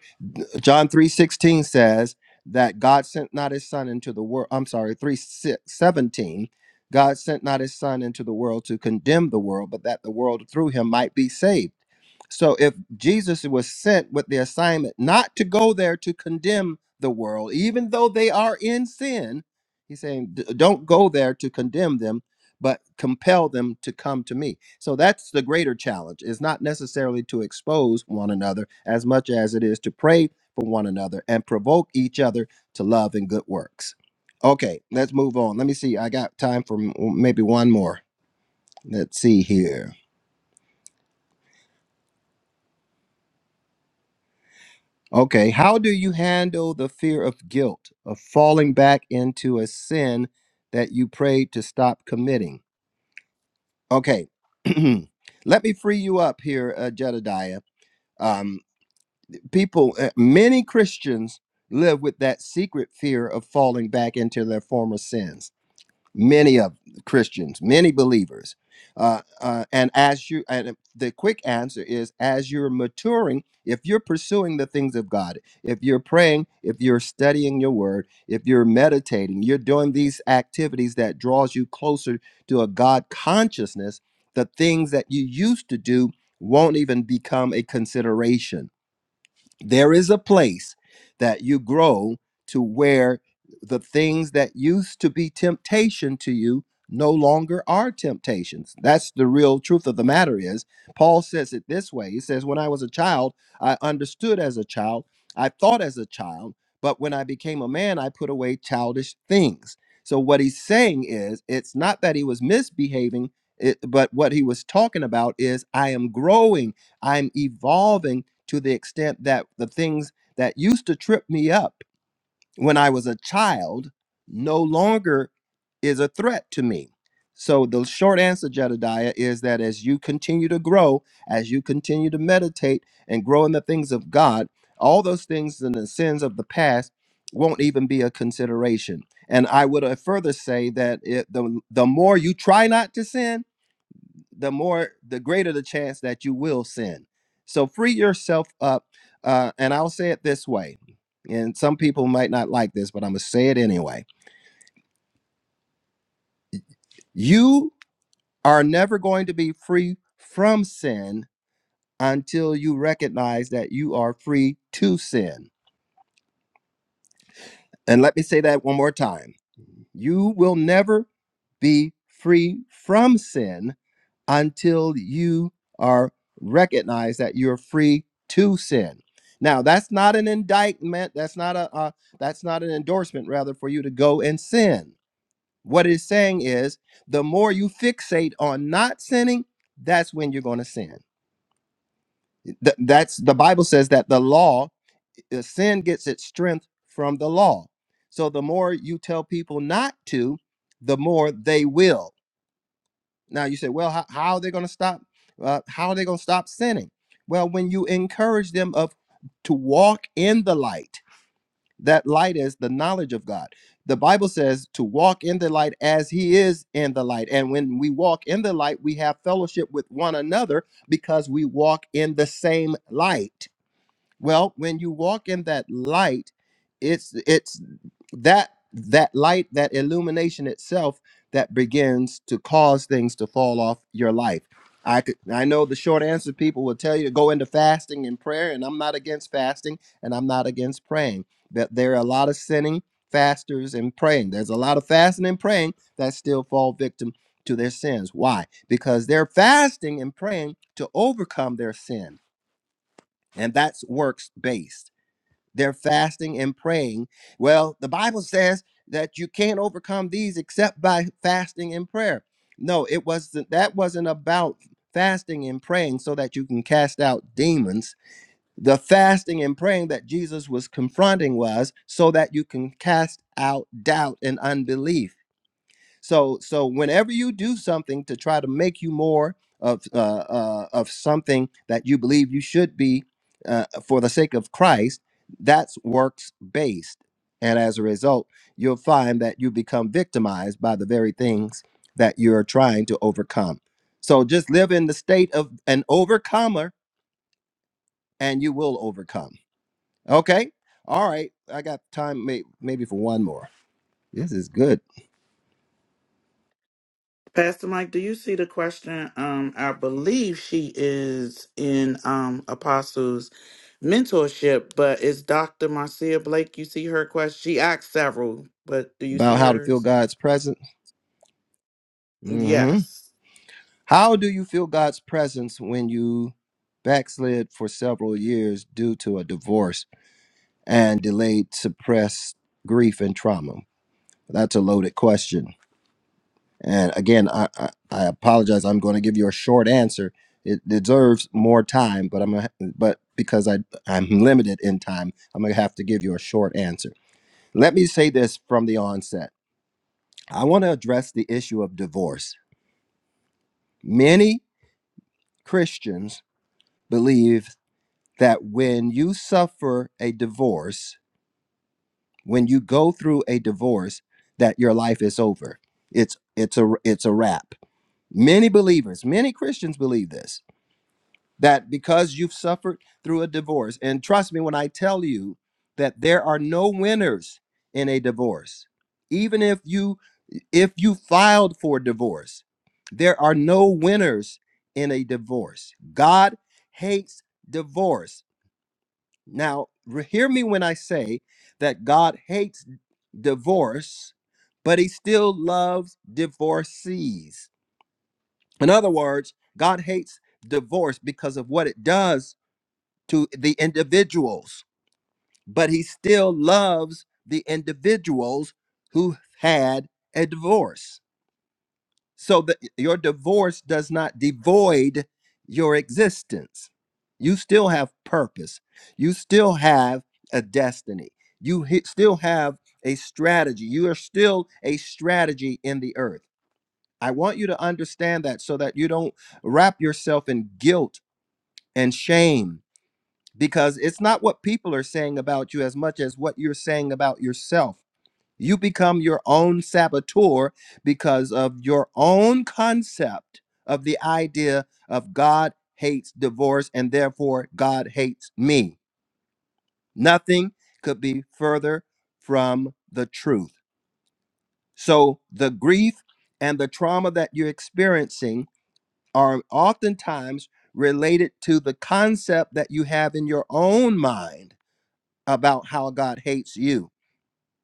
[SPEAKER 1] John 3:16 says that God sent not his son into the world. I'm sorry, 3:17. God sent not his son into the world to condemn the world, but that the world through him might be saved. So if Jesus was sent with the assignment not to go there to condemn the world, even though they are in sin, he's saying, "D- don't go there to condemn them but compel them to come to me. So that's the greater challenge. It's not necessarily to expose one another as much as it is to pray for one another and provoke each other to love and good works. Okay, let's move on. Let me see. I got time for m- maybe one more. Let's see here. Okay, how do you handle the fear of guilt, of falling back into a sin that you prayed to stop committing? Okay, let me free you up here, uh, Jedediah. Um, people uh, many christians live with that secret fear of falling back into their former sins many of christians many believers uh, uh, and as you and the quick answer is as you're maturing if you're pursuing the things of god if you're praying if you're studying your word if you're meditating you're doing these activities that draws you closer to a god consciousness the things that you used to do won't even become a consideration there is a place that you grow to where the things that used to be temptation to you no longer are temptations that's the real truth of the matter is paul says it this way he says when i was a child i understood as a child i thought as a child but when i became a man i put away childish things so what he's saying is it's not that he was misbehaving it, but what he was talking about is i am growing i'm evolving to the extent that the things that used to trip me up when I was a child no longer is a threat to me. So, the short answer, Jedediah, is that as you continue to grow, as you continue to meditate and grow in the things of God, all those things and the sins of the past won't even be a consideration. And I would uh, further say that it, the, the more you try not to sin, the more the greater the chance that you will sin so free yourself up uh, and i'll say it this way and some people might not like this but i'm going to say it anyway you are never going to be free from sin until you recognize that you are free to sin and let me say that one more time you will never be free from sin until you are recognized that you're free to sin. Now, that's not an indictment. That's not a uh, that's not an endorsement, rather, for you to go and sin. What it's saying is, the more you fixate on not sinning, that's when you're going to sin. Th- that's the Bible says that the law, uh, sin gets its strength from the law. So the more you tell people not to, the more they will. Now you say, well, how, how are they going to stop? Uh, how are they going to stop sinning? Well, when you encourage them of to walk in the light, that light is the knowledge of God. The Bible says to walk in the light as He is in the light. And when we walk in the light, we have fellowship with one another because we walk in the same light. Well, when you walk in that light, it's it's that that light, that illumination itself that begins to cause things to fall off your life. I could I know the short answer people will tell you to go into fasting and prayer, and I'm not against fasting and I'm not against praying. But there are a lot of sinning fasters and praying. There's a lot of fasting and praying that still fall victim to their sins. Why? Because they're fasting and praying to overcome their sin. And that's works based they're fasting and praying. Well, the Bible says that you can't overcome these except by fasting and prayer. No, it wasn't that wasn't about fasting and praying so that you can cast out demons. The fasting and praying that Jesus was confronting was so that you can cast out doubt and unbelief so so whenever you do something to try to make you more of uh, uh, of something that you believe you should be uh, for the sake of Christ, that's works based, and as a result, you'll find that you become victimized by the very things that you're trying to overcome. So just live in the state of an overcomer, and you will overcome. Okay, all right. I got time, may- maybe for one more. This is good
[SPEAKER 2] Pastor Mike, do you see the question? Um, I believe she is in um Apostles mentorship, but is Dr. Marcia Blake? You see her question? She asked several, but do you see
[SPEAKER 1] about how to feel
[SPEAKER 2] hers?
[SPEAKER 1] God's presence. hmm
[SPEAKER 2] Yes.
[SPEAKER 1] How do you feel God's presence when you backslid for several years due to a divorce and delayed suppressed grief and trauma? That's a loaded question. And again, I, I, I apologize. I'm going to give you a short answer. It deserves more time, but I'm gonna, but because I I'm limited in time, I'm gonna have to give you a short answer. Let me say this from the onset. I want to address the issue of divorce. Many Christians believe that when you suffer a divorce, when you go through a divorce, that your life is over. It's it's a it's a wrap. Many believers, many Christians believe this that because you've suffered through a divorce, and trust me when I tell you that there are no winners in a divorce. Even if you if you filed for divorce, there are no winners in a divorce. God hates divorce. Now, re- hear me when I say that God hates divorce, but he still loves divorcees. In other words, God hates divorce because of what it does to the individuals, but he still loves the individuals who had a divorce so that your divorce does not devoid your existence. You still have purpose. You still have a destiny. You he- still have a strategy. You are still a strategy in the earth. I want you to understand that so that you don't wrap yourself in guilt and shame because it's not what people are saying about you as much as what you're saying about yourself you become your own saboteur because of your own concept of the idea of God hates divorce and therefore God hates me. Nothing could be further from the truth. So the grief and the trauma that you're experiencing are oftentimes related to the concept that you have in your own mind about how God hates you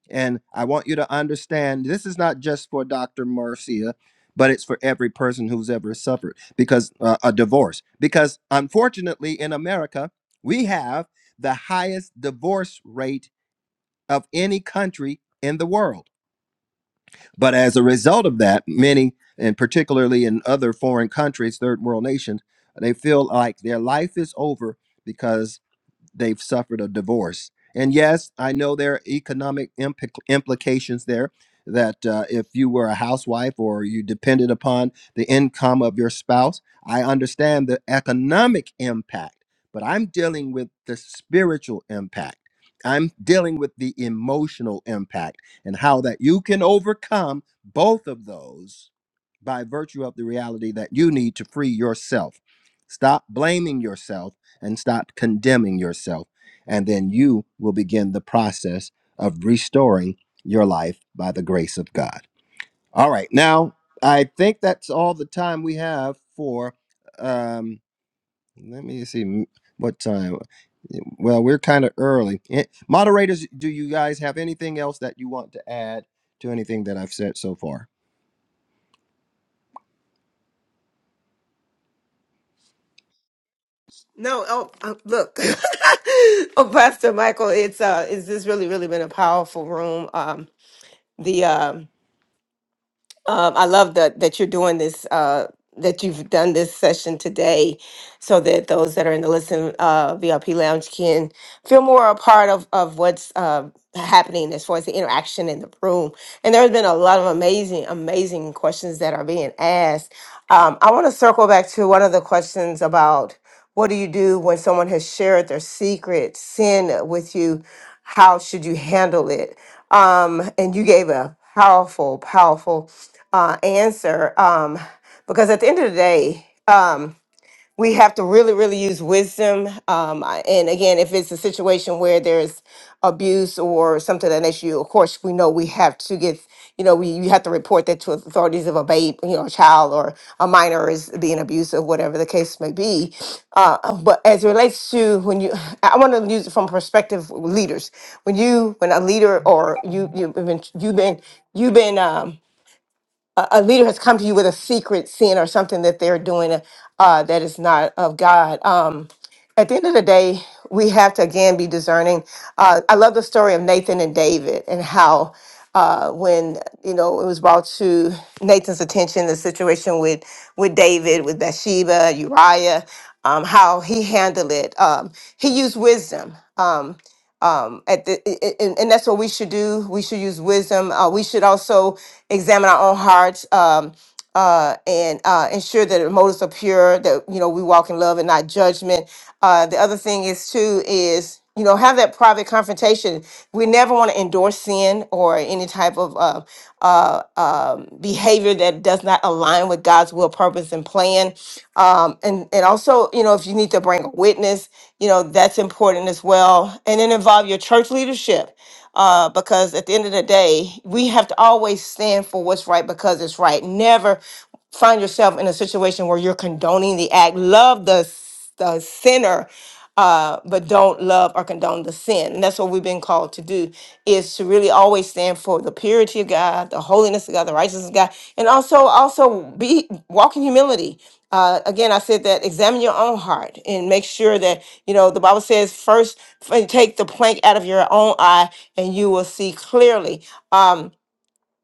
[SPEAKER 1] And I want you to understand this is not just for Dr. Marcia, but it's for every person who's ever suffered because uh, a divorce. Because unfortunately, in America, we have the highest divorce rate of any country in the world. But as a result of that, many, and particularly in other foreign countries, third world nations, they feel like their life is over because they've suffered a divorce. And yes, I know there are economic implic implications there that uh, if you were a housewife or you depended upon the income of your spouse, I understand the economic impact, but I'm dealing with the spiritual impact. I'm dealing with the emotional impact and how that you can overcome both of those by virtue of the reality that you need to free yourself. Stop blaming yourself and stop condemning yourself. And then you will begin the process of restoring your life by the grace of God. All right. Now, I think that's all the time we have for, um, let me see m- what time. Well, we're kind of early. Eh, Moderators, do you guys have anything else that you want to add to anything that I've said so far?
[SPEAKER 3] No, oh, uh, look. oh, Pastor Michael, it's uh, it's this really, really been a powerful room. Um, the um Um, I love that that you're doing this. Uh, that you've done this session today, so that those that are in the listen uh, VIP lounge can feel more a part of of what's uh, happening as far as the interaction in the room. And there has been a lot of amazing, amazing questions that are being asked. Um, I want to circle back to one of the questions about. What do you do when someone has shared their secret sin with you? How should you handle it? Um, and you gave a powerful, powerful uh, answer um, because at the end of the day, um, we have to really, really use wisdom. Um, I- and again, if it's a situation where there's abuse or something of that issue, of course, we know we have to get, you know, we you have to report that to authorities if a babe, you know, a child or a minor is being abused or whatever the case may be. Uh, but as it relates to when you, I want to use it from perspective leaders. When you, when a leader or you, you've been, you've been, you've been. um, a a leader has come to you with a secret sin or something that they're doing uh, that is not of God. Um, at the end of the day, we have to again be discerning. Uh, I love the story of Nathan and David and how uh, when you know it was brought to Nathan's attention the situation with with David, with Bathsheba, Uriah, um, how he handled it. Um, he used wisdom. Um, um, at the, i- i- and, and that's what we should do. We should use wisdom. Uh, we should also examine our own hearts um, uh, and uh, ensure that our motives are pure. That you know we walk in love and not judgment. Uh, the other thing is too is you know have that private confrontation. We never want to endorse sin or any type of uh, uh, um, behavior behavior that does not align with God's will, purpose, and plan. Um, and and also, you know, if you need to bring a witness, you know, that's important as well. And then involve your church leadership. Uh, because at the end of the day, we have to always stand for what's right because it's right. Never find yourself in a situation where you're condoning the act. Love the the sinner uh, but don't love or condone the sin and that's what we've been called to do is to really always stand for the purity of god the holiness of god the righteousness of god and also also be walk in humility uh, again i said that examine your own heart and make sure that you know the bible says first f- take the plank out of your own eye and you will see clearly Um,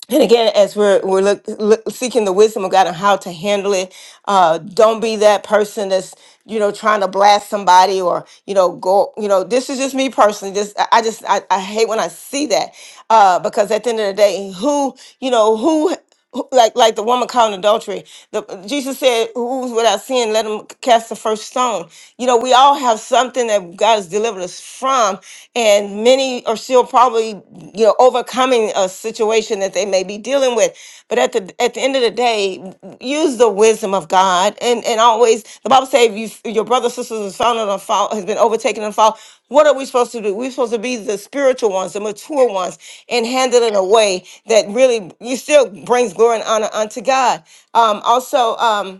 [SPEAKER 3] and again, as we're we're look, look, seeking the wisdom of God on how to handle it, uh, don't be that person that's you know trying to blast somebody or you know go you know this is just me personally. Just I I just I, I hate when I see that uh, because at the end of the day, who you know who who- like like the woman caught in adultery. The, Jesus said, "Who's without sin, let him cast the first stone." You know, we all have something that God has delivered us from, and many are still probably you know overcoming a situation that they may be dealing with. But at the at the end of the day, say use the wisdom of God and and always the Bible says if you, your brother sisters is found in a fault has been overtaken in a fault. What are we supposed to do? We're supposed to be the spiritual ones, the mature ones, and handle it in a way that really you still brings glory and honor unto God. Um, also. Um,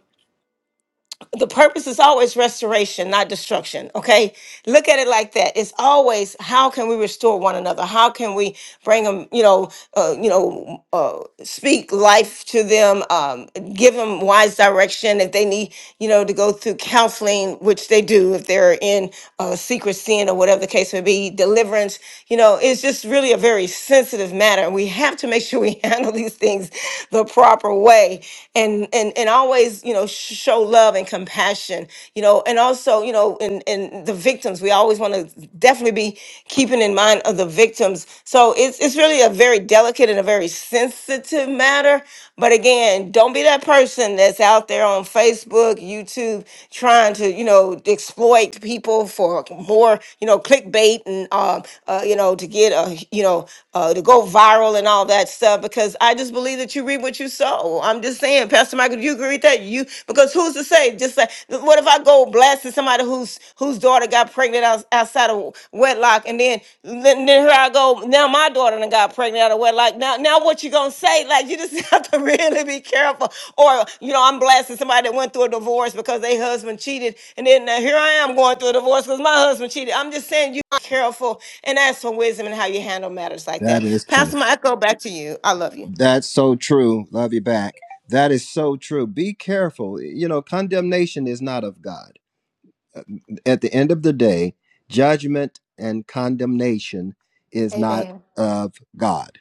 [SPEAKER 3] the purpose is always restoration, not destruction. Okay, look at it like that. It's always how can we restore one another? How can we bring them? You know, uh, you know, uh, speak life to them, um, give them wise direction if they need, you know, to go through counseling, which they do if they're in uh, secret sin or whatever the case may be. Deliverance, you know, it's just really a very sensitive matter, and we have to make to make sure we handle these things the proper way and and and always you know sh- show love and compassion you know and also you know and and the victims we always want to definitely be keeping in mind of the victims so it's it's really a very delicate and a very sensitive matter but again don't be that person that's out there on facebook youtube trying to you know exploit people for for more, you know, clickbait and, um, uh, you know, to get, uh, you know, uh, to go viral and all that stuff because I just believe that you reap what you sow. I'm just saying, Pastor Michael, do you agree with that? You because who's to say? Just like, what if I go blasting somebody whose whose daughter got pregnant out, outside of wedlock, and then then, then here I go. Now my daughter done got pregnant out of wedlock. Now now what you gonna say? Like you just have to really be careful or, you know, I'm blasting somebody that went through a divorce because they husband cheated. And then uh, here I am going through a divorce because my husband cheated. I'm just saying you are careful and ask for wisdom in how you handle matters like
[SPEAKER 1] That
[SPEAKER 3] that.
[SPEAKER 1] is
[SPEAKER 3] Pastor
[SPEAKER 1] true.
[SPEAKER 3] Michael, back to you. I love you.
[SPEAKER 1] That's so true. Love you back. That is so true. Be careful. You know, condemnation is not of God. At the end of the day, judgment and condemnation is not
[SPEAKER 3] Amen.
[SPEAKER 1] of God.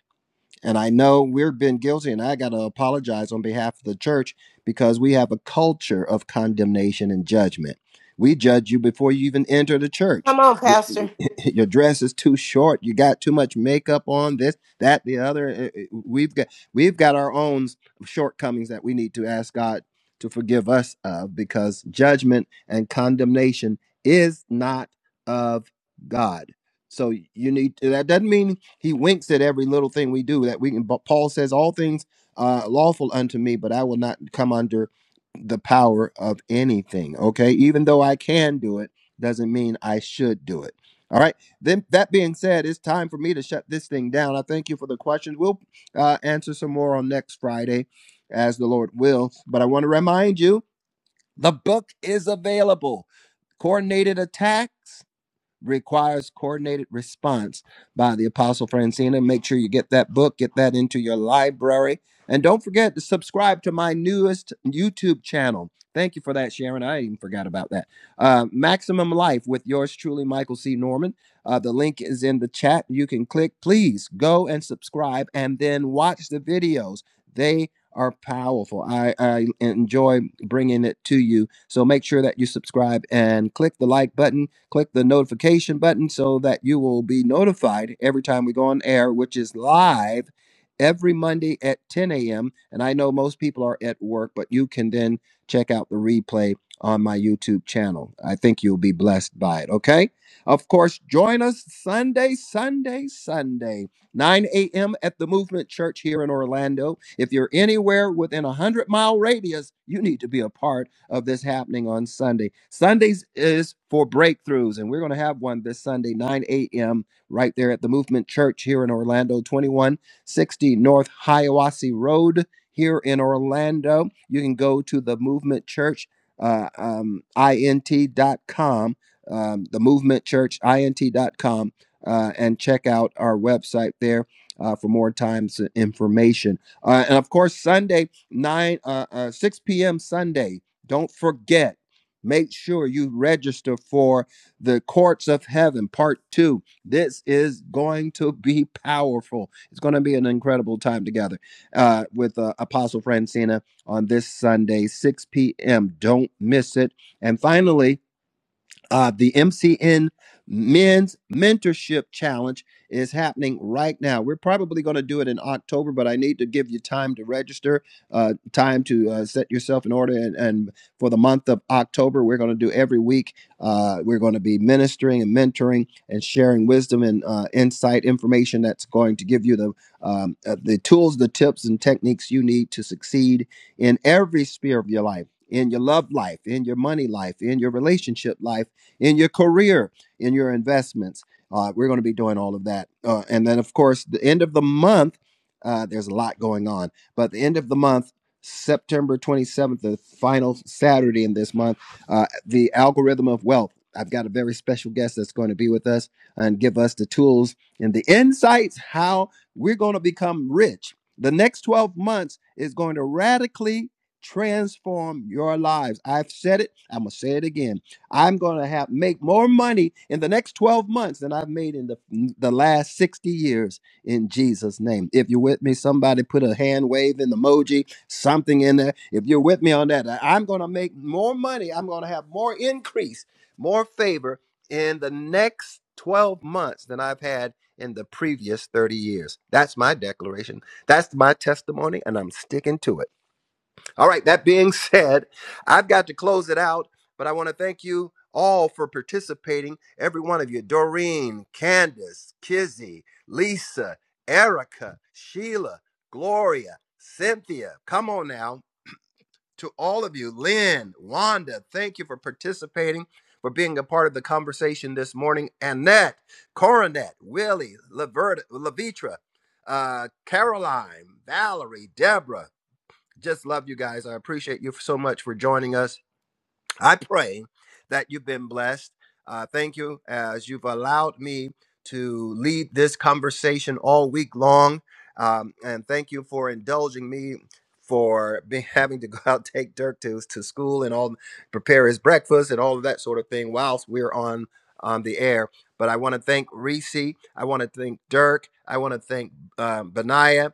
[SPEAKER 1] And I know we've been guilty, and I got to apologize on behalf of the church because we have a culture of condemnation and judgment. We judge you before you even enter the church.
[SPEAKER 3] Come on,
[SPEAKER 1] Your,
[SPEAKER 3] Pastor.
[SPEAKER 1] your dress is too short. You got too much makeup on. This, that, the other. Eh, eh, We've got we've got our own shortcomings that we need to ask God to forgive us of because judgment and condemnation is not of God. So you need that doesn't mean he winks at every little thing we do that we can. But Paul says all things uh, lawful unto me, but I will not come under the power of anything. Okay, even though I can do it, doesn't mean I should do it. All right. Then that being said, it's time for me to shut this thing down. I thank you for the questions. We'll uh, answer some more on next Friday, as the Lord wills. But I want to remind you, the book is available. Coordinated attacks requires coordinated response by the apostle francina make sure you get that book get that into your library and don't forget to subscribe to my newest youtube channel thank you for that sharon i even forgot about that uh, maximum life with yours truly michael c norman uh, the link is in the chat you can click please go and subscribe and then watch the videos they are powerful i, I enjoy bringing it to you so make sure that you subscribe and click the like button click the notification button so that you will be notified every time we go on air, which is live every Monday at 10 a.m. And I know most people are at work, but you can then check out the replay on my YouTube channel. I think you'll be blessed by it, okay? Of course, join us Sunday, Sunday, Sunday. 9 a.m. at the Movement Church here in Orlando. If you're anywhere within a 100 mile radius, you need to be a part of this happening on Sunday. Sundays is for breakthroughs, and we're going to have one this Sunday, 9 a.m., right there at the Movement Church here in Orlando, 2160 North Hiawassee Road here in Orlando. You can go to the Movement Church. Uh, um, int dot com. um, the movement church, INT dot com uh, and check out our website there uh, for more times uh, information. Uh, and of course, Sunday nine uh, uh, six p.m. Sunday. Don't forget. Make sure you register for the Courts of Heaven Part Two. This is going to be powerful. It's going to be an incredible time together uh, with uh, Apostle Francina on this Sunday, 6 p.m. Don't miss it. And finally, uh, the MCN Men's Mentorship Challenge is happening right now. We're probably going to do it in October, but I need to give you time to register, uh, time to uh, set yourself in order. And, and for the month of October, we're going to do every week. Uh, we're going to be ministering and mentoring and sharing wisdom and uh, insight information that's going to give you the um, uh, the tools, the tips, and techniques you need to succeed in every sphere of your life. In your love life, in your money life, in your relationship life, in your career, in your investments. Uh, we're going to be doing all of that. Uh, and then, of course, the end of the month, uh, there's a lot going on. But the end of the month, September 27th, the final Saturday in this month, uh, the algorithm of wealth. I've got a very special guest that's going to be with us and give us the tools and the insights how we're going to become rich. The next 12 months is going to radically transform your lives. I've said it, I'm going to say it again I'm going to have make more money in the next 12 months than I've made in the the last 60 years in Jesus name. If you're with me, somebody put a hand wave in the emoji, something in there. If you're with me on that, I- am going to make more money. I'm going to have more increase, more favor in the next 12 months than I've had in the previous 30 years. That's my declaration. That's my testimony and I'm sticking to it. All right, that being said, I've got to close it out, but I want to thank you all for participating. Every one of you Doreen, Candace, Kizzy, Lisa, Erica, Sheila, Gloria, Cynthia. Come on now. To all of you, Lynn, Wanda, thank you for participating, for being a part of the conversation this morning. Annette, Coronet, Willie, Laverta, Lavitra, uh, Caroline, Valerie, Deborah just love you guys. I appreciate you so much for joining us. I pray that you've been blessed. Uh, thank you as you've allowed me to lead this conversation all week long. Um, and thank you for indulging me for be, having to go out take Dirk to, to school and all prepare his breakfast and all of that sort of thing whilst we're on on the air. But I want to thank Reese. I want to thank Dirk. I want to thank um, Benaiah.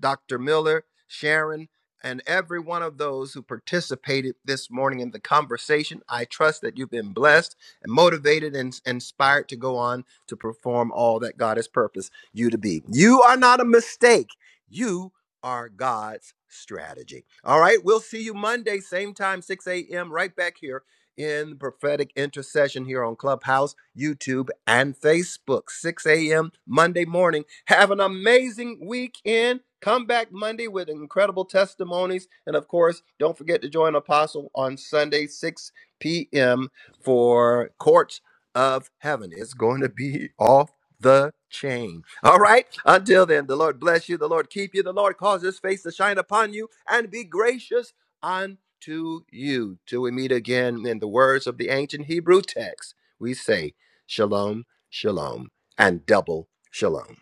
[SPEAKER 1] Dr. Miller, Sharon, and every one of those who participated this morning in the conversation. I trust that you've been blessed and motivated and inspired to go on to perform all that God has purposed you to be. You are not a mistake. You are God's strategy. All right, we'll see you Monday, same time, 6 a.m., right back here in prophetic intercession here on Clubhouse, YouTube, and Facebook. 6 a.m. Monday morning. Have an amazing weekend. Come back Monday with incredible testimonies. And of course, don't forget to join Apostle on Sunday, 6 p.m. for Courts of Heaven. It's going to be off the chain. All right. Until then, the Lord bless you. The Lord keep you. The Lord cause his face to shine upon you and be gracious unto you. Till we meet again in the words of the ancient Hebrew text, we say, Shalom, Shalom, and double Shalom.